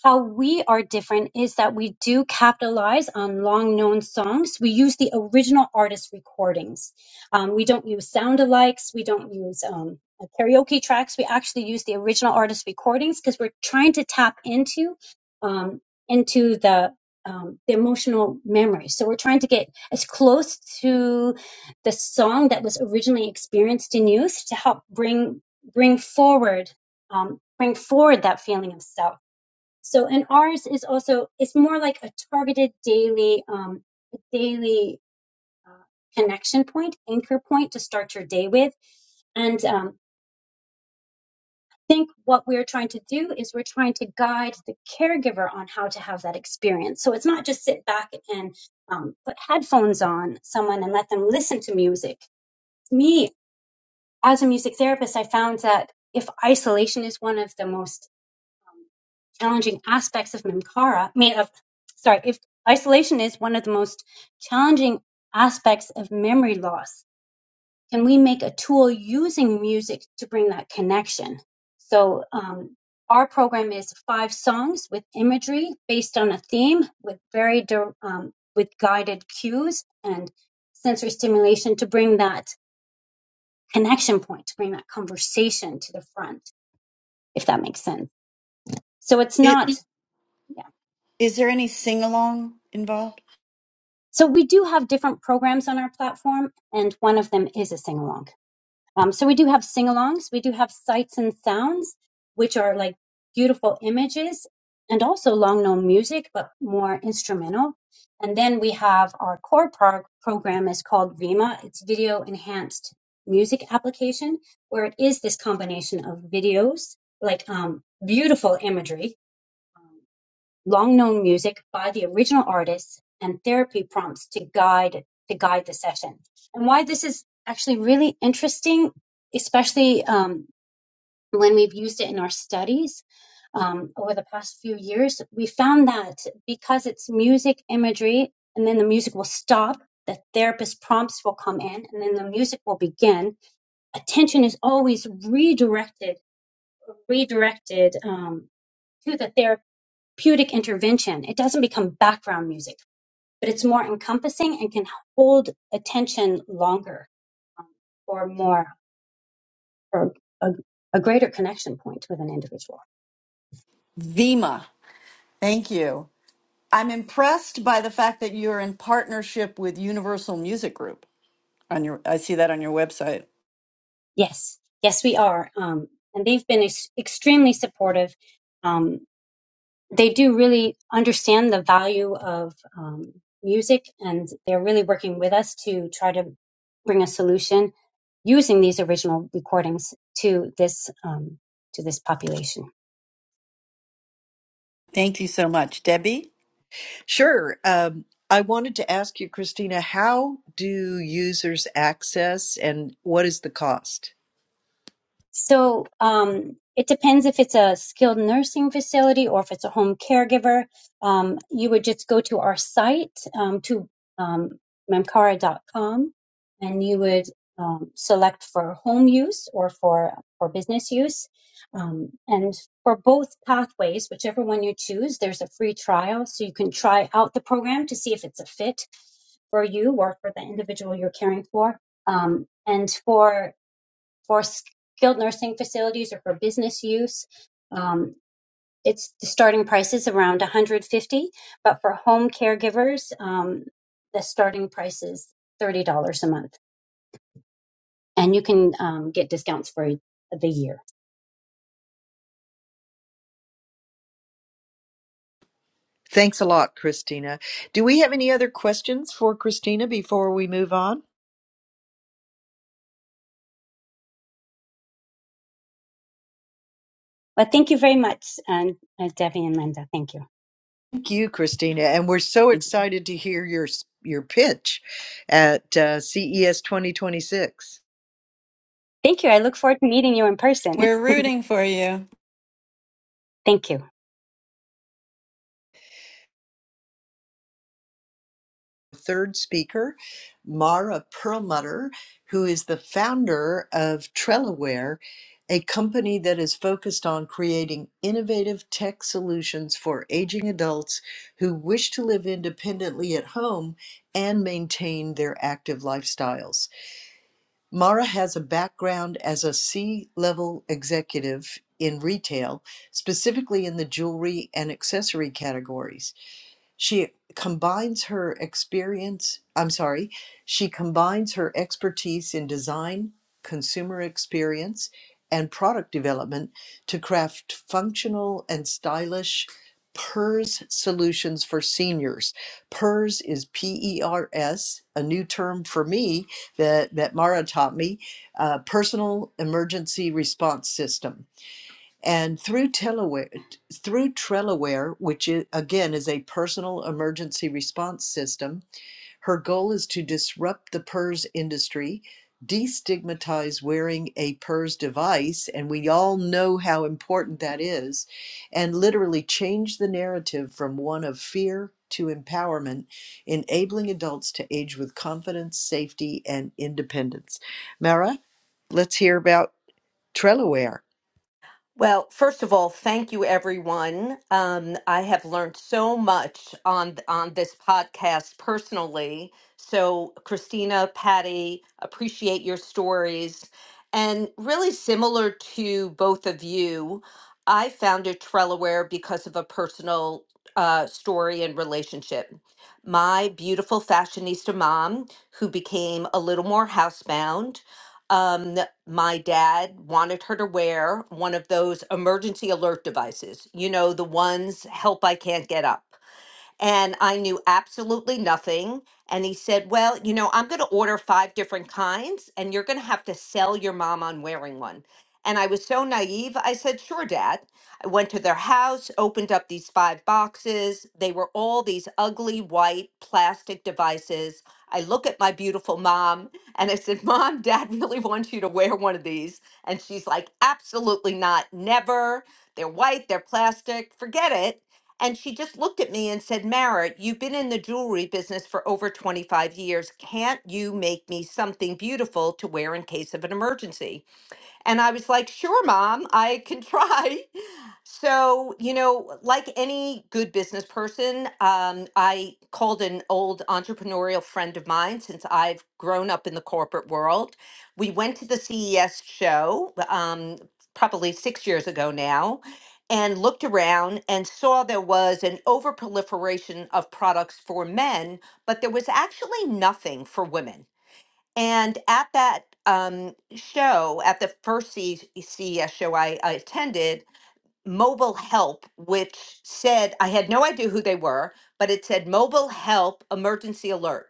how we are different is that we do capitalize on long known songs. We use the original artist recordings. Um, we don't use sound alikes. We don't use um, like karaoke tracks. We actually use the original artist recordings because we're trying to tap into um, into the um, the emotional memory. So we're trying to get as close to the song that was originally experienced in youth to help bring bring forward um, bring forward that feeling of self. So, and ours is also it's more like a targeted daily, um, daily uh, connection point, anchor point to start your day with. And um, I think what we're trying to do is we're trying to guide the caregiver on how to have that experience. So it's not just sit back and um, put headphones on someone and let them listen to music. Me, as a music therapist, I found that if isolation is one of the most um, challenging aspects of Memkara, I mean, of, sorry, if isolation is one of the most challenging aspects of memory loss, can we make a tool using music to bring that connection? So, um, our program is five songs with imagery based on a theme with very, dir- um, with guided cues and sensory stimulation to bring that connection point, to bring that conversation to the front, if that makes sense. So it's not It, is there any sing along involved? So we do have different programs on our platform, and one of them is a sing along. Um, so we do have sing alongs, we do have sights and sounds, which are like beautiful images and also long known music, but more instrumental. And then we have our core pro- program is called REMA. It's video enhanced music application, where it is this combination of videos, like um, beautiful imagery, long known music by the original artists and therapy prompts to guide to guide the session and why this is actually really interesting especially um, when we've used it in our studies um, over the past few years we found that because it's music imagery and then the music will stop the therapist prompts will come in and then the music will begin attention is always redirected redirected um, to the therapist therapeutic intervention. It doesn't become background music, but it's more encompassing and can hold attention longer um, or more or a, a greater connection point with an individual. Vima, thank you. I'm impressed by the fact that you're in partnership with Universal Music Group on your I see that on your website. Yes, yes, we are. Um, and they've been ex- extremely supportive. Um, they do really understand the value of um, music and they're really working with us to try to bring a solution using these original recordings to this um, to this population Thank you so much, Debbie. Sure. Um, I wanted to ask you, Christina, how do users access and what is the cost? So um, it depends if it's a skilled nursing facility or if it's a home caregiver. Um, you would just go to our site um, to um, memcara.com and you would um, select for home use or for for business use. Um, and for both pathways, whichever one you choose, there's a free trial so you can try out the program to see if it's a fit for you or for the individual you're caring for. Um, and for for skilled nursing facilities or for business use. Um, it's the starting price is around 150, but for home caregivers, um, the starting price is $30 a month, and you can um, get discounts for the year. Thanks a lot, Christina. Do we have any other questions for Christina before we move on? Well, thank you very much, and uh, Debbie and Linda. Thank you. Thank you, Christina. And we're so excited to hear your, your pitch at uh, CES 2026. Thank you. I look forward to meeting you in person. We're rooting for you. thank you. third speaker, Mara Perlmutter, who is the founder of Trellaware, a company that is focused on creating innovative tech solutions for aging adults who wish to live independently at home and maintain their active lifestyles. Mara has a background as a C level executive in retail, specifically in the jewelry and accessory categories. She combines her experience, I'm sorry, she combines her expertise in design, consumer experience, and product development to craft functional and stylish PERS solutions for seniors. PERS is P E R S, a new term for me that, that Mara taught me, uh, Personal Emergency Response System and through Telaware, through Trellaware, which is, again is a personal emergency response system, her goal is to disrupt the PERS industry, destigmatize wearing a PERS device, and we all know how important that is, and literally change the narrative from one of fear to empowerment, enabling adults to age with confidence, safety, and independence. Mara, let's hear about Trellaware. Well, first of all, thank you, everyone. Um, I have learned so much on on this podcast personally. So, Christina, Patty, appreciate your stories, and really similar to both of you, I founded Trellaware because of a personal uh, story and relationship. My beautiful fashionista mom, who became a little more housebound um, my dad wanted her to wear one of those emergency alert devices. You know, the ones help I can't get up and I knew absolutely nothing. And he said, Well, you know, I'm going to order five different kinds, and you're going to have to sell your mom on wearing one. And I was so naive. I said, Sure, Dad. I went to their house, opened up these five boxes. They were all these ugly white plastic devices. I look at my beautiful mom and I said, Mom, Dad really wants you to wear one of these. And she's like, Absolutely not. Never. They're white, they're plastic, forget it. And she just looked at me and said, Mara, you've been in the jewelry business for over 25 years. Can't you make me something beautiful to wear in case of an emergency? And I was like, sure, mom, I can try. So, you know, like any good business person, um, I called an old entrepreneurial friend of mine since I've grown up in the corporate world. We went to the CES show um, probably six years ago now and looked around and saw there was an overproliferation of products for men, but there was actually nothing for women. And at that um, show, at the first C- CES show I, I attended, Mobile Help, which said, I had no idea who they were, but it said Mobile Help Emergency Alert.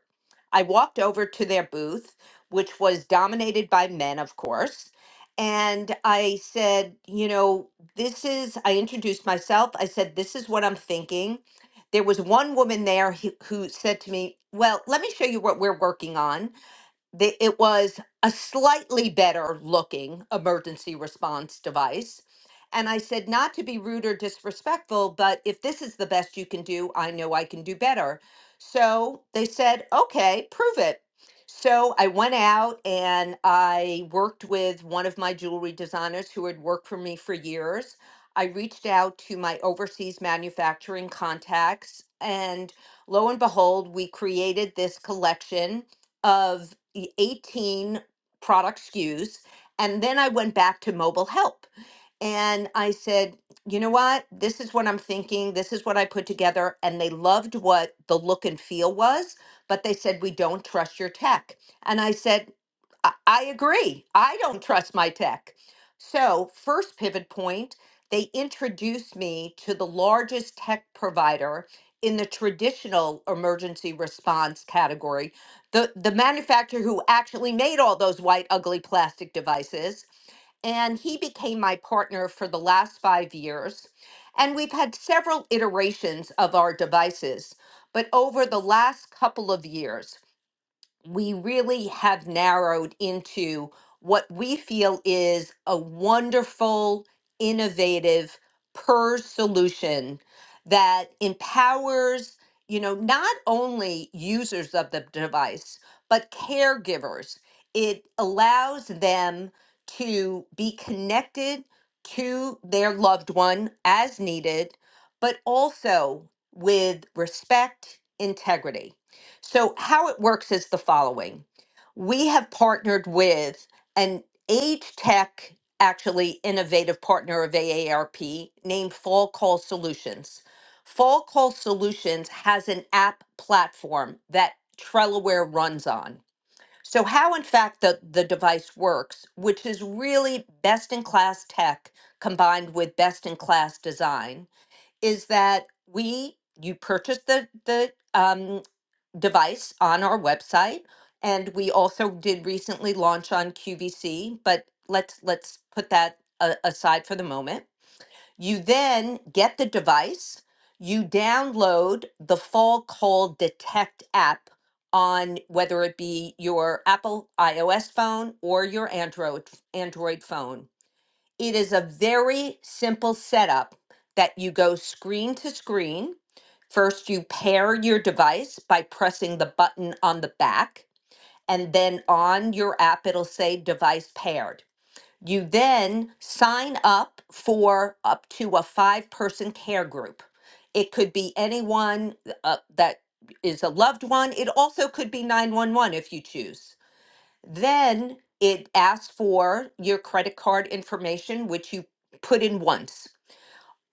I walked over to their booth, which was dominated by men, of course. And I said, you know, this is, I introduced myself. I said, this is what I'm thinking. There was one woman there who, who said to me, well, let me show you what we're working on the, it was a slightly better looking emergency response device. And I said, not to be rude or disrespectful, but if this is the best you can do, I know I can do better. So they said, okay, prove it. So I went out and I worked with one of my jewelry designers who had worked for me for years. I reached out to my overseas manufacturing contacts, and lo and behold, we created this collection of the 18 product SKUs. And then I went back to mobile help and I said, you know what? This is what I'm thinking. This is what I put together. And they loved what the look and feel was, but they said, we don't trust your tech. And I said, I I agree. I don't trust my tech. So, first pivot point, they introduced me to the largest tech provider in the traditional emergency response category, the, the manufacturer who actually made all those white, ugly plastic devices. And he became my partner for the last five years. And we've had several iterations of our devices. But over the last couple of years, we really have narrowed into what we feel is a wonderful, innovative PERS solution that empowers, you know, not only users of the device, but caregivers. It allows them to be connected to their loved one as needed, but also with respect, integrity. So, how it works is the following we have partnered with an age tech, actually innovative partner of AARP named Fall Call Solutions. Fall Call Solutions has an app platform that Trellaware runs on. So, how in fact the, the device works, which is really best in class tech combined with best in class design, is that we you purchase the the um, device on our website. And we also did recently launch on QVC, but let's let's put that a- aside for the moment. You then get the device, you download the Fall Call Detect app on whether it be your Apple iOS phone or your Android Android phone it is a very simple setup that you go screen to screen. First, you pair your device by pressing the button on the back, and then on your app, it'll say device paired. You then sign up for up to a five person care group. It could be anyone uh, that is a loved one. It also could be 911 if you choose. Then it asks for your credit card information, which you put in once.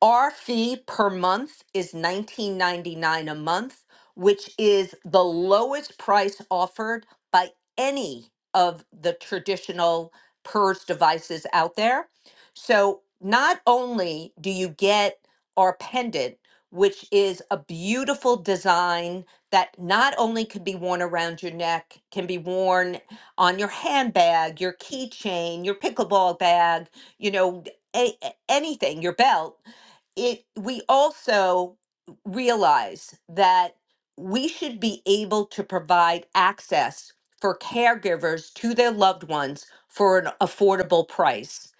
Our fee per month is 19.99 a month, which is the lowest price offered by any of the traditional PERS devices out there. So not only do you get our pendant, which is a beautiful design that not only could be worn around your neck, can be worn on your handbag, your keychain, your pickleball bag, you know, a- a- anything, your belt it we also realize that we should be able to provide access for caregivers to their loved ones for an affordable price.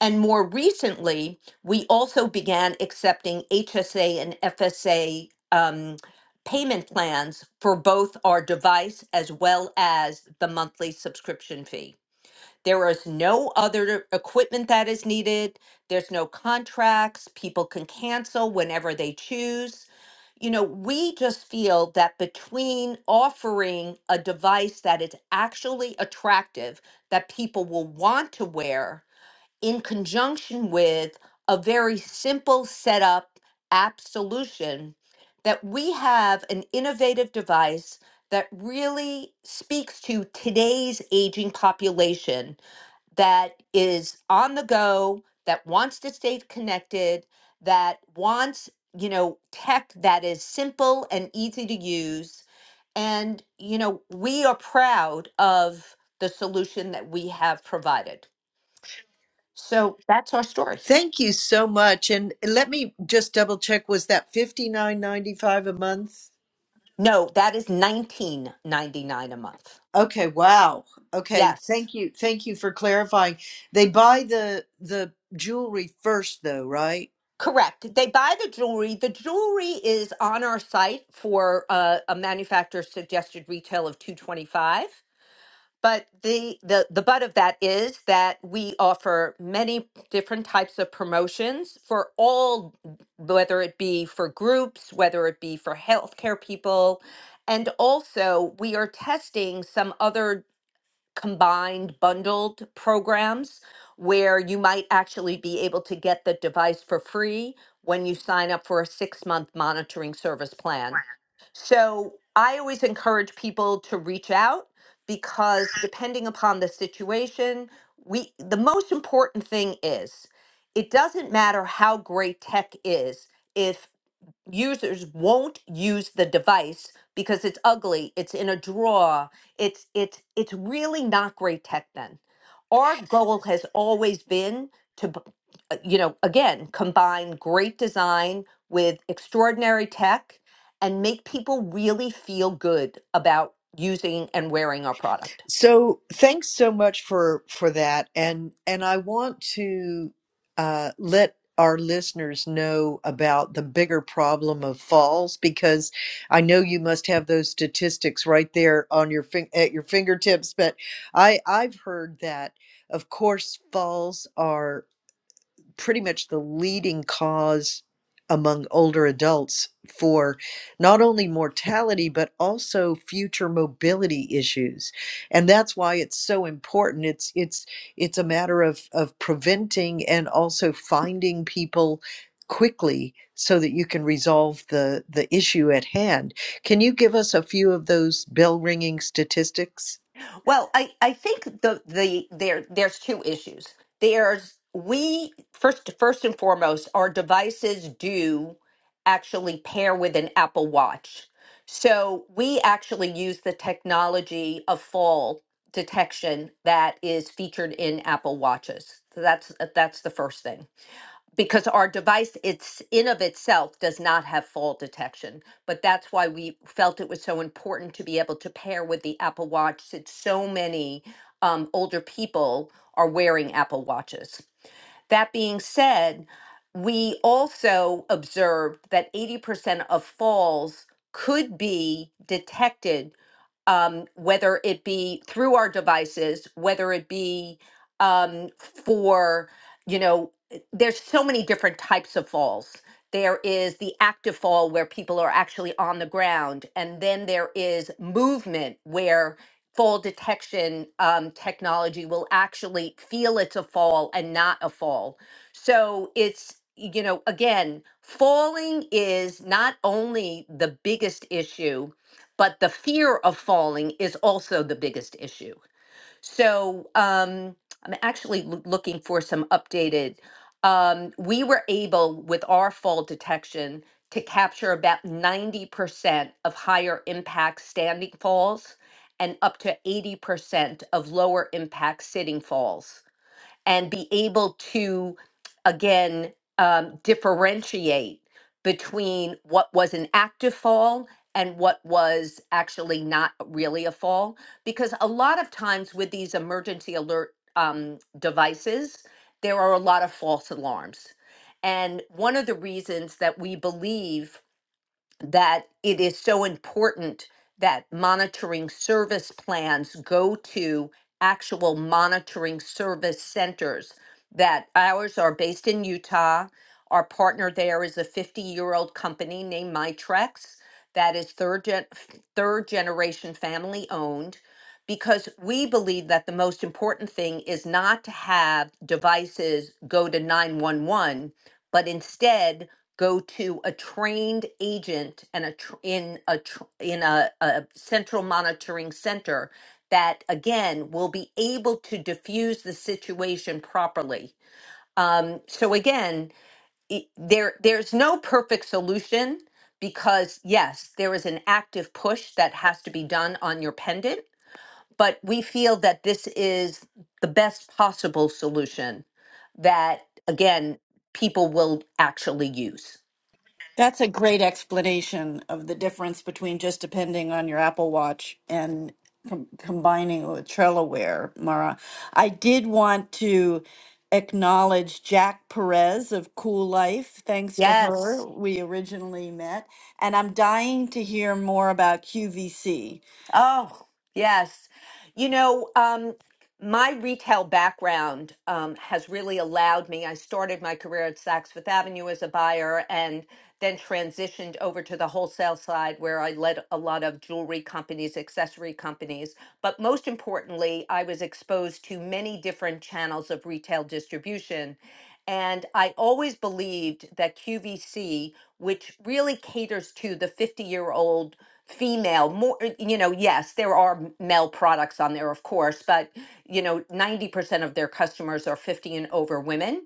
And more recently, we also began accepting HSA and FSA um, payment plans for both our device as well as the monthly subscription fee. There is no other equipment that is needed. There's no contracts. People can cancel whenever they choose. You know, we just feel that between offering a device that is actually attractive, that people will want to wear, in conjunction with a very simple setup app solution, that we have an innovative device that really speaks to today's aging population that is on the go, that wants to stay connected, that wants, you know, tech that is simple and easy to use. And, you know, we are proud of the solution that we have provided. So that's our story. Thank you so much. And let me just double check. Was that fifty nine ninety five a month? No, thats nineteen ninety nine a month. Okay. Wow. Okay. Yes. Thank you. Thank you for clarifying. They buy the the jewelry first, though, right? Correct. They buy the jewelry. The jewelry is on our site for uh, a manufacturer's suggested retail of 225 But the, the the butt of that is that we offer many different types of promotions for all, whether it be for groups, whether it be for healthcare people, and also we are testing some other combined bundled programs where you might actually be able to get the device for free when you sign up for a six month monitoring service plan. So I always encourage people to reach out because depending upon the situation, we the most important thing is it doesn't matter how great tech is if users won't use the device because it's ugly it's in a drawer it's it's it's really not great tech then our goal has always been to b- uh, you know again combine great design with extraordinary tech and make people really feel good about using and wearing our product So thanks so much for for that, and and I want to uh, let our listeners know about the bigger problem of falls because I know you must have those statistics right there on your fin- at your fingertips. But I I've heard that of course falls are pretty much the leading cause among older adults for not only mortality but also future mobility issues and that's why it's so important it's it's it's a matter of of preventing and also finding people quickly so that you can resolve the the issue at hand can you give us a few of those bell ringing statistics Well, I, I think the the there there's two issues. There's we first first and foremost, our devices do actually pair with an Apple Watch. So we actually use the technology of fall detection that is featured in Apple Watches. So that's that's the first thing because our device it's in of itself does not have fall detection but that's why we felt it was so important to be able to pair with the apple watch since so many um, older people are wearing apple watches that being said we also observed that 80% of falls could be detected um, whether it be through our devices, whether it be um, for, you know, there's so many different types of falls. There is the active fall where people are actually on the ground, and then there is movement where fall detection um, technology will actually feel it's a fall and not a fall. So it's, you know, again, falling is not only the biggest issue, but the fear of falling is also the biggest issue. So um, I'm actually loo- looking for some updated. Um, we were able, with our fall detection, to capture about 90% of higher impact standing falls and up to 80% of lower impact sitting falls and be able to again um, differentiate between what was an active fall and what was actually not really a fall because a lot of times with these emergency alert um, devices there are a lot of false alarms and one of the reasons that we believe that it is so important that monitoring service plans go to actual monitoring service centers. That ours are based in Utah. Our partner there is a 50 year old company named Mitrex that is third, gen- third generation family owned because we believe that the most important thing is not to have devices go to 911, but instead go to a trained agent and a tr- in a tr- in a, a central monitoring center that again will be able to diffuse the situation properly. Um, so again, it, there there's no perfect solution because yes, there is an active push that has to be done on your pendant, but we feel that this is the best possible solution that again people will actually use. That's a great explanation of the difference between just depending on your Apple Watch and com- combining it with Trellaware, Mara. I did want to acknowledge Jack Perez of Cool Life. Thanks to Yes. her, we originally met. And I'm dying to hear more about QVC. Oh, yes. You know, um, my retail background um, has really allowed me. I started my career at Saks Fifth Avenue as a buyer and then transitioned over to the wholesale side where I led a lot of jewelry companies, accessory companies. But most importantly, I was exposed to many different channels of retail distribution. And I always believed that QVC, which really caters to the 50 year old female more uh, you know yes there are male products on there of course but you know 90% of their customers are 50 and over women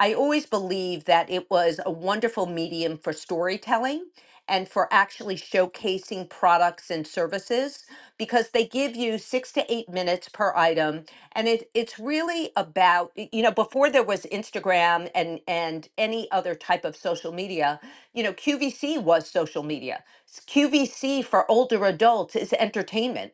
i always believe that it was a wonderful medium for storytelling and for actually showcasing products and services because they give you 6 to 8 minutes per item and it it's really about y- you know before there was Instagram and and any other type of social media you know QVC was social media QVC for older adults is entertainment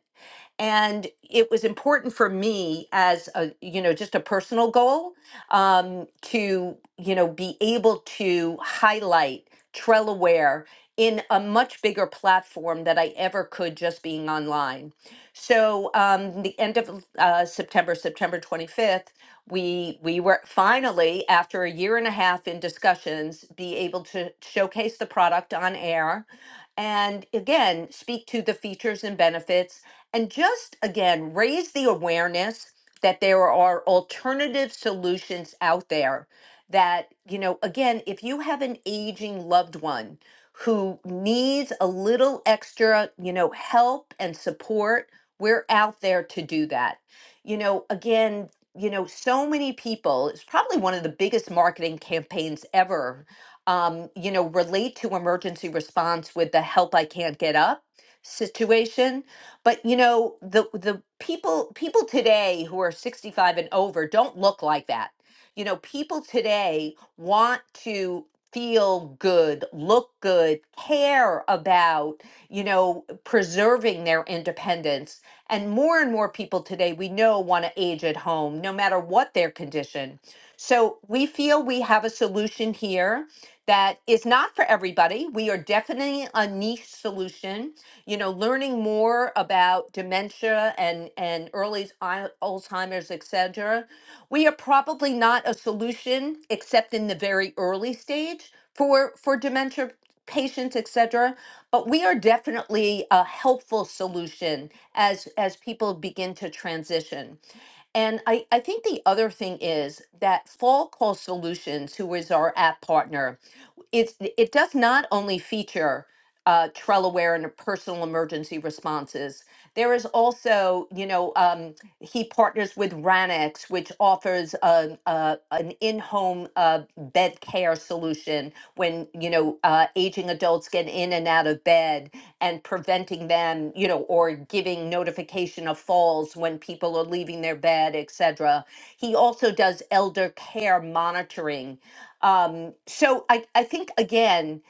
and it was important for me as a you know just a personal goal um, to you know be able to highlight Trellaware in a much bigger platform that I ever could just being online. So um, the end of uh, September, September 25th, we we were finally after a year and a half in discussions be able to showcase the product on air and again speak to the features and benefits and just again, raise the awareness that there are alternative solutions out there. That, you know, again, if you have an aging loved one who needs a little extra, you know, help and support, we're out there to do that. You know, again, you know, so many people, it's probably one of the biggest marketing campaigns ever, um, you know, relate to emergency response with the help I can't get up situation but you know, the the people people today who are 65 and over don't look like that. You know, people today want to feel good, look good, care about, you know, preserving their independence. And more and more people today we know want to age at home no matter what their condition. So, we feel we have a solution here that is not for everybody. We are definitely a niche solution you know, learning more about dementia and, and early al- Alzheimer's, et cetera, we are probably not a solution except in the very early stage for, for dementia patients, et cetera. But we are definitely a helpful solution as, as people begin to transition. And I, I think the other thing is that Fall Call Solutions, who is our app partner, it's it does not only feature uh, Trellaware and personal emergency responses. There is also, you know, um, he partners with Ranex, which offers a, a, an in-home uh, bed care solution when you know uh, aging adults get in and out of bed and preventing them, you know, or giving notification of falls when people are leaving their bed, etc. He also does elder care monitoring. Um, so I, I think again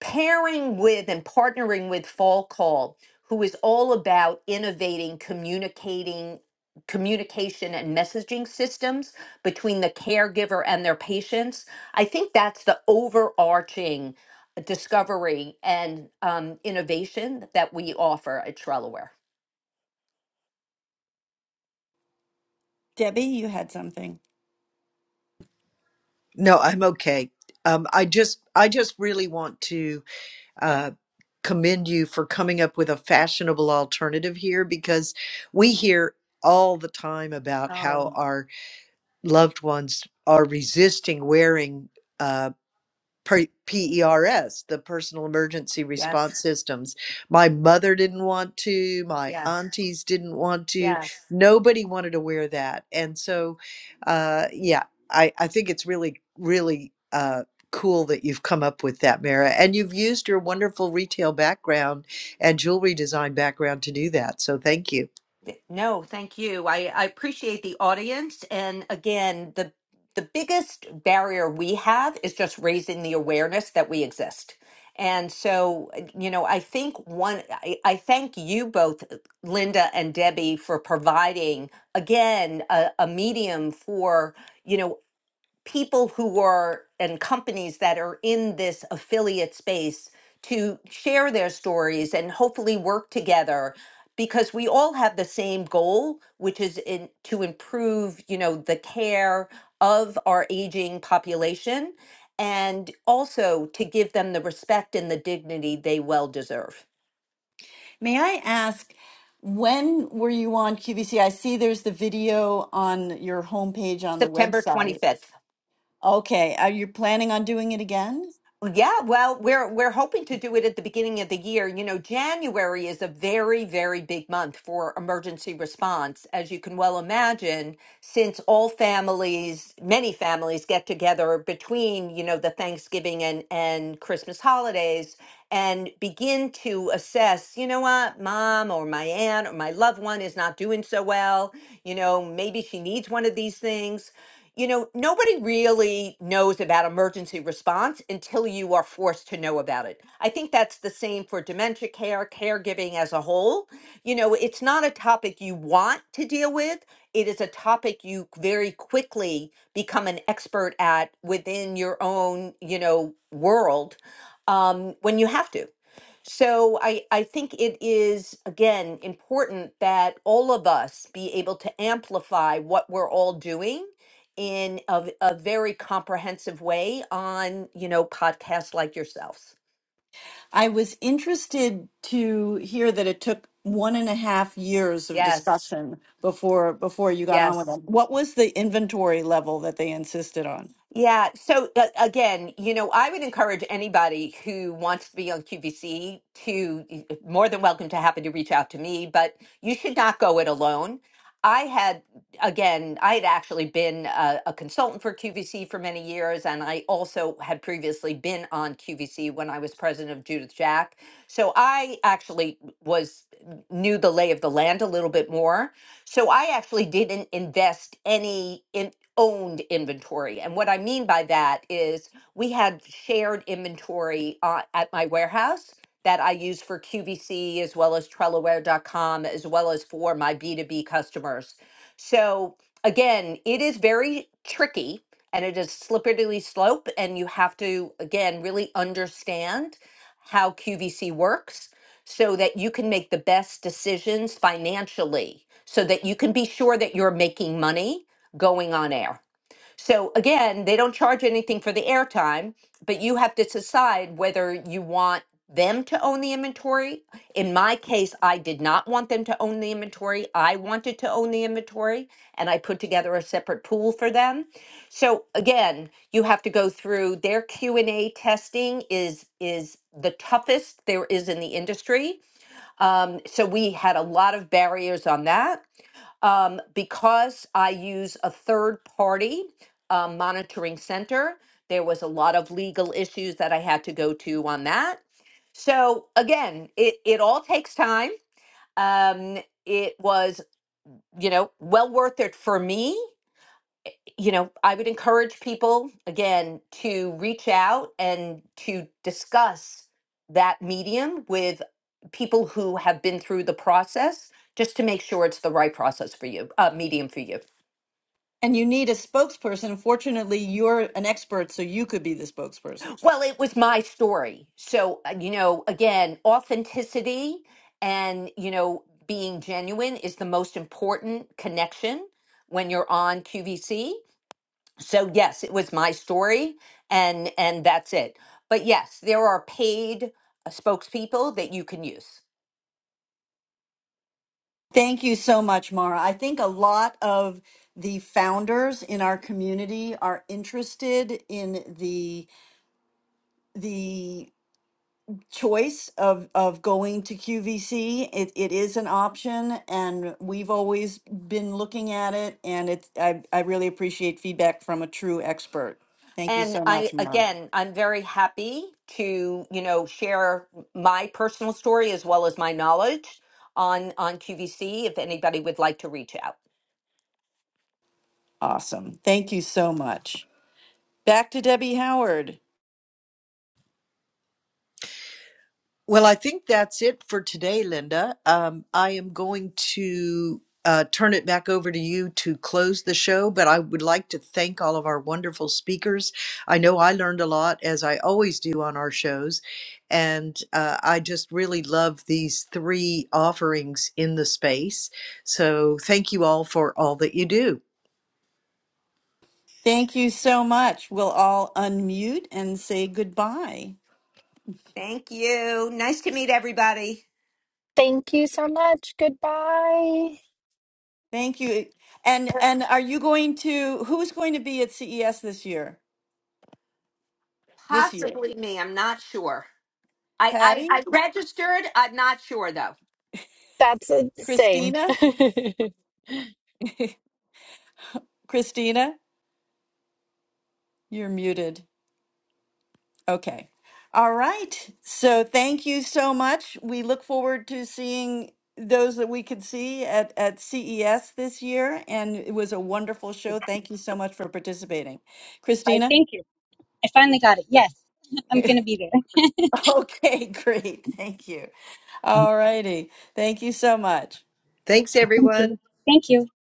pairing with and partnering with Fall Call, who is all about innovating, communicating, communication and messaging systems between the caregiver and their patients. I think that's the overarching discovery and um, innovation that we offer at Trellaware. Debbie, you had something. No, I'm okay. Um, I just, I just really want to uh, commend you for coming up with a fashionable alternative here, because we hear all the time about Oh, how our loved ones are resisting wearing. Uh, PERS, the Personal Emergency yes, Response Systems. My mother didn't want to. My yes, aunties didn't want to. yes. Nobody wanted to wear that. And so, uh, yeah, I, I think it's really, really uh, cool that you've come up with that, Mara. And you've used your wonderful retail background and jewelry design background to do that. So thank you. Th- No, thank you. I, I appreciate the audience. And again, the the biggest barrier we have is just raising the awareness that we exist. And so, uh, you know, I think one, I, I thank you both, uh, Linda and Debbie, for providing again a, a medium for, you know, people who are and companies that are in this affiliate space to share their stories and hopefully work together because we all have the same goal which is in, to improve you know the care of our aging population and also to give them the respect and the dignity they well deserve May I ask, when were you on QVC? I see there's the video on your homepage on the september website. 25th Okay, are you planning on doing it again? Yeah, well, we're we're hoping to do it at the beginning of the year. You know, January is a very, very big month for emergency response, as you can well imagine, since all families, many families get together between, you know, the Thanksgiving and and Christmas holidays and begin to assess, you know what, mom or my aunt or my loved one is not doing so well. You know, maybe she needs one of these things. You know, nobody really knows about emergency response until you are forced to know about it. I think that's the same for dementia care, caregiving as a whole. You know, it's not a topic you want to deal with, it is a topic you very quickly become an expert at within your own, you know, world um, when you have to. So I, I think it is, again, important that all of us be able to amplify what we're all doing in a, a very comprehensive way on, you know, podcasts like yourselves. I was interested to hear that it took one and a half years of Yes, discussion before before you got on with yes. them. What was the inventory level that they insisted on? Yeah. So uh, again, you know, I would encourage anybody who wants to be on QVC to more than welcome to happen to reach out to me, but you should not go it alone. I had, again, I had actually been a, a consultant for QVC for many years, and I also had previously been on QVC when I was president of Judith Jack. So I actually was knew the lay of the land a little bit more. So I actually didn't invest any in owned inventory. And what I mean by that is we had shared inventory uh, at my warehouse that I use for QVC as well as Trellaware.com as well as for my B2B customers. So again, it is very tricky and it is slippery slope and you have to again really understand how QVC works so that you can make the best decisions financially, so that you can be sure that you're making money going on air. So again, they don't charge anything for the airtime, but you have to decide whether you want them to own the inventory. In my case, I did not want them to own the inventory. I wanted to own the inventory and I put together a separate pool for them. So again, you have to go through their Q&A testing is is the toughest there is in the industry um, so we had a lot of barriers on that. Um, because I use a third party um, monitoring center, there was a lot of legal issues that I had to go to on that. So again, it, it all takes time. Um, it was, you know, well worth it for me you know, I would encourage people again to reach out and to discuss that medium with people who have been through the process just to make sure it's the right process for you, uh, medium for you. And you need a spokesperson. Fortunately, you're an expert, so you could be the spokesperson. Well, it was my story. So, uh, you know, again, authenticity and, you know, being genuine is the most important connection when you're on QVC. so yes it was my story and and that's it but yes there are paid uh, spokespeople that you can use Thank you so much, Mara. I think a lot of the founders in our community are interested in the the choice of of going to QVC. It it is an option, and we've always been looking at it. And it's I I really appreciate feedback from a true expert. Thank you and so i much, Mara. again i'm very happy to you know share my personal story as well as my knowledge on on qvc if anybody would like to reach out Awesome. Thank you so much. Back to Debbie Howard. Well, I think that's it for today, Linda. Um, I am going to uh, turn it back over to you to close the show, but I would like to thank all of our wonderful speakers. I know I learned a lot, as I always do on our shows, and uh, I just really love these three offerings in the space. So thank you all for all that you do. Thank you so much. We'll all unmute and say goodbye. thank you nice to meet everybody Thank you so much. Goodbye. Thank you. And and are you going to who's going to be at CES this year? This year. possibly me i'm not sure i i, Patty? I registered i'm not sure though That's the same. Christina? Christina, you're muted. Okay. All right. So thank you so much. We look forward to seeing those that we could see at, at CES this year. And it was a wonderful show. Thank you so much for participating. I Christina? thank you. I finally got it. Yes, I'm going to be there. okay, great. Thank you. All I righty. Thank you so much. Thanks, thank everyone. you. Thank you. Bye.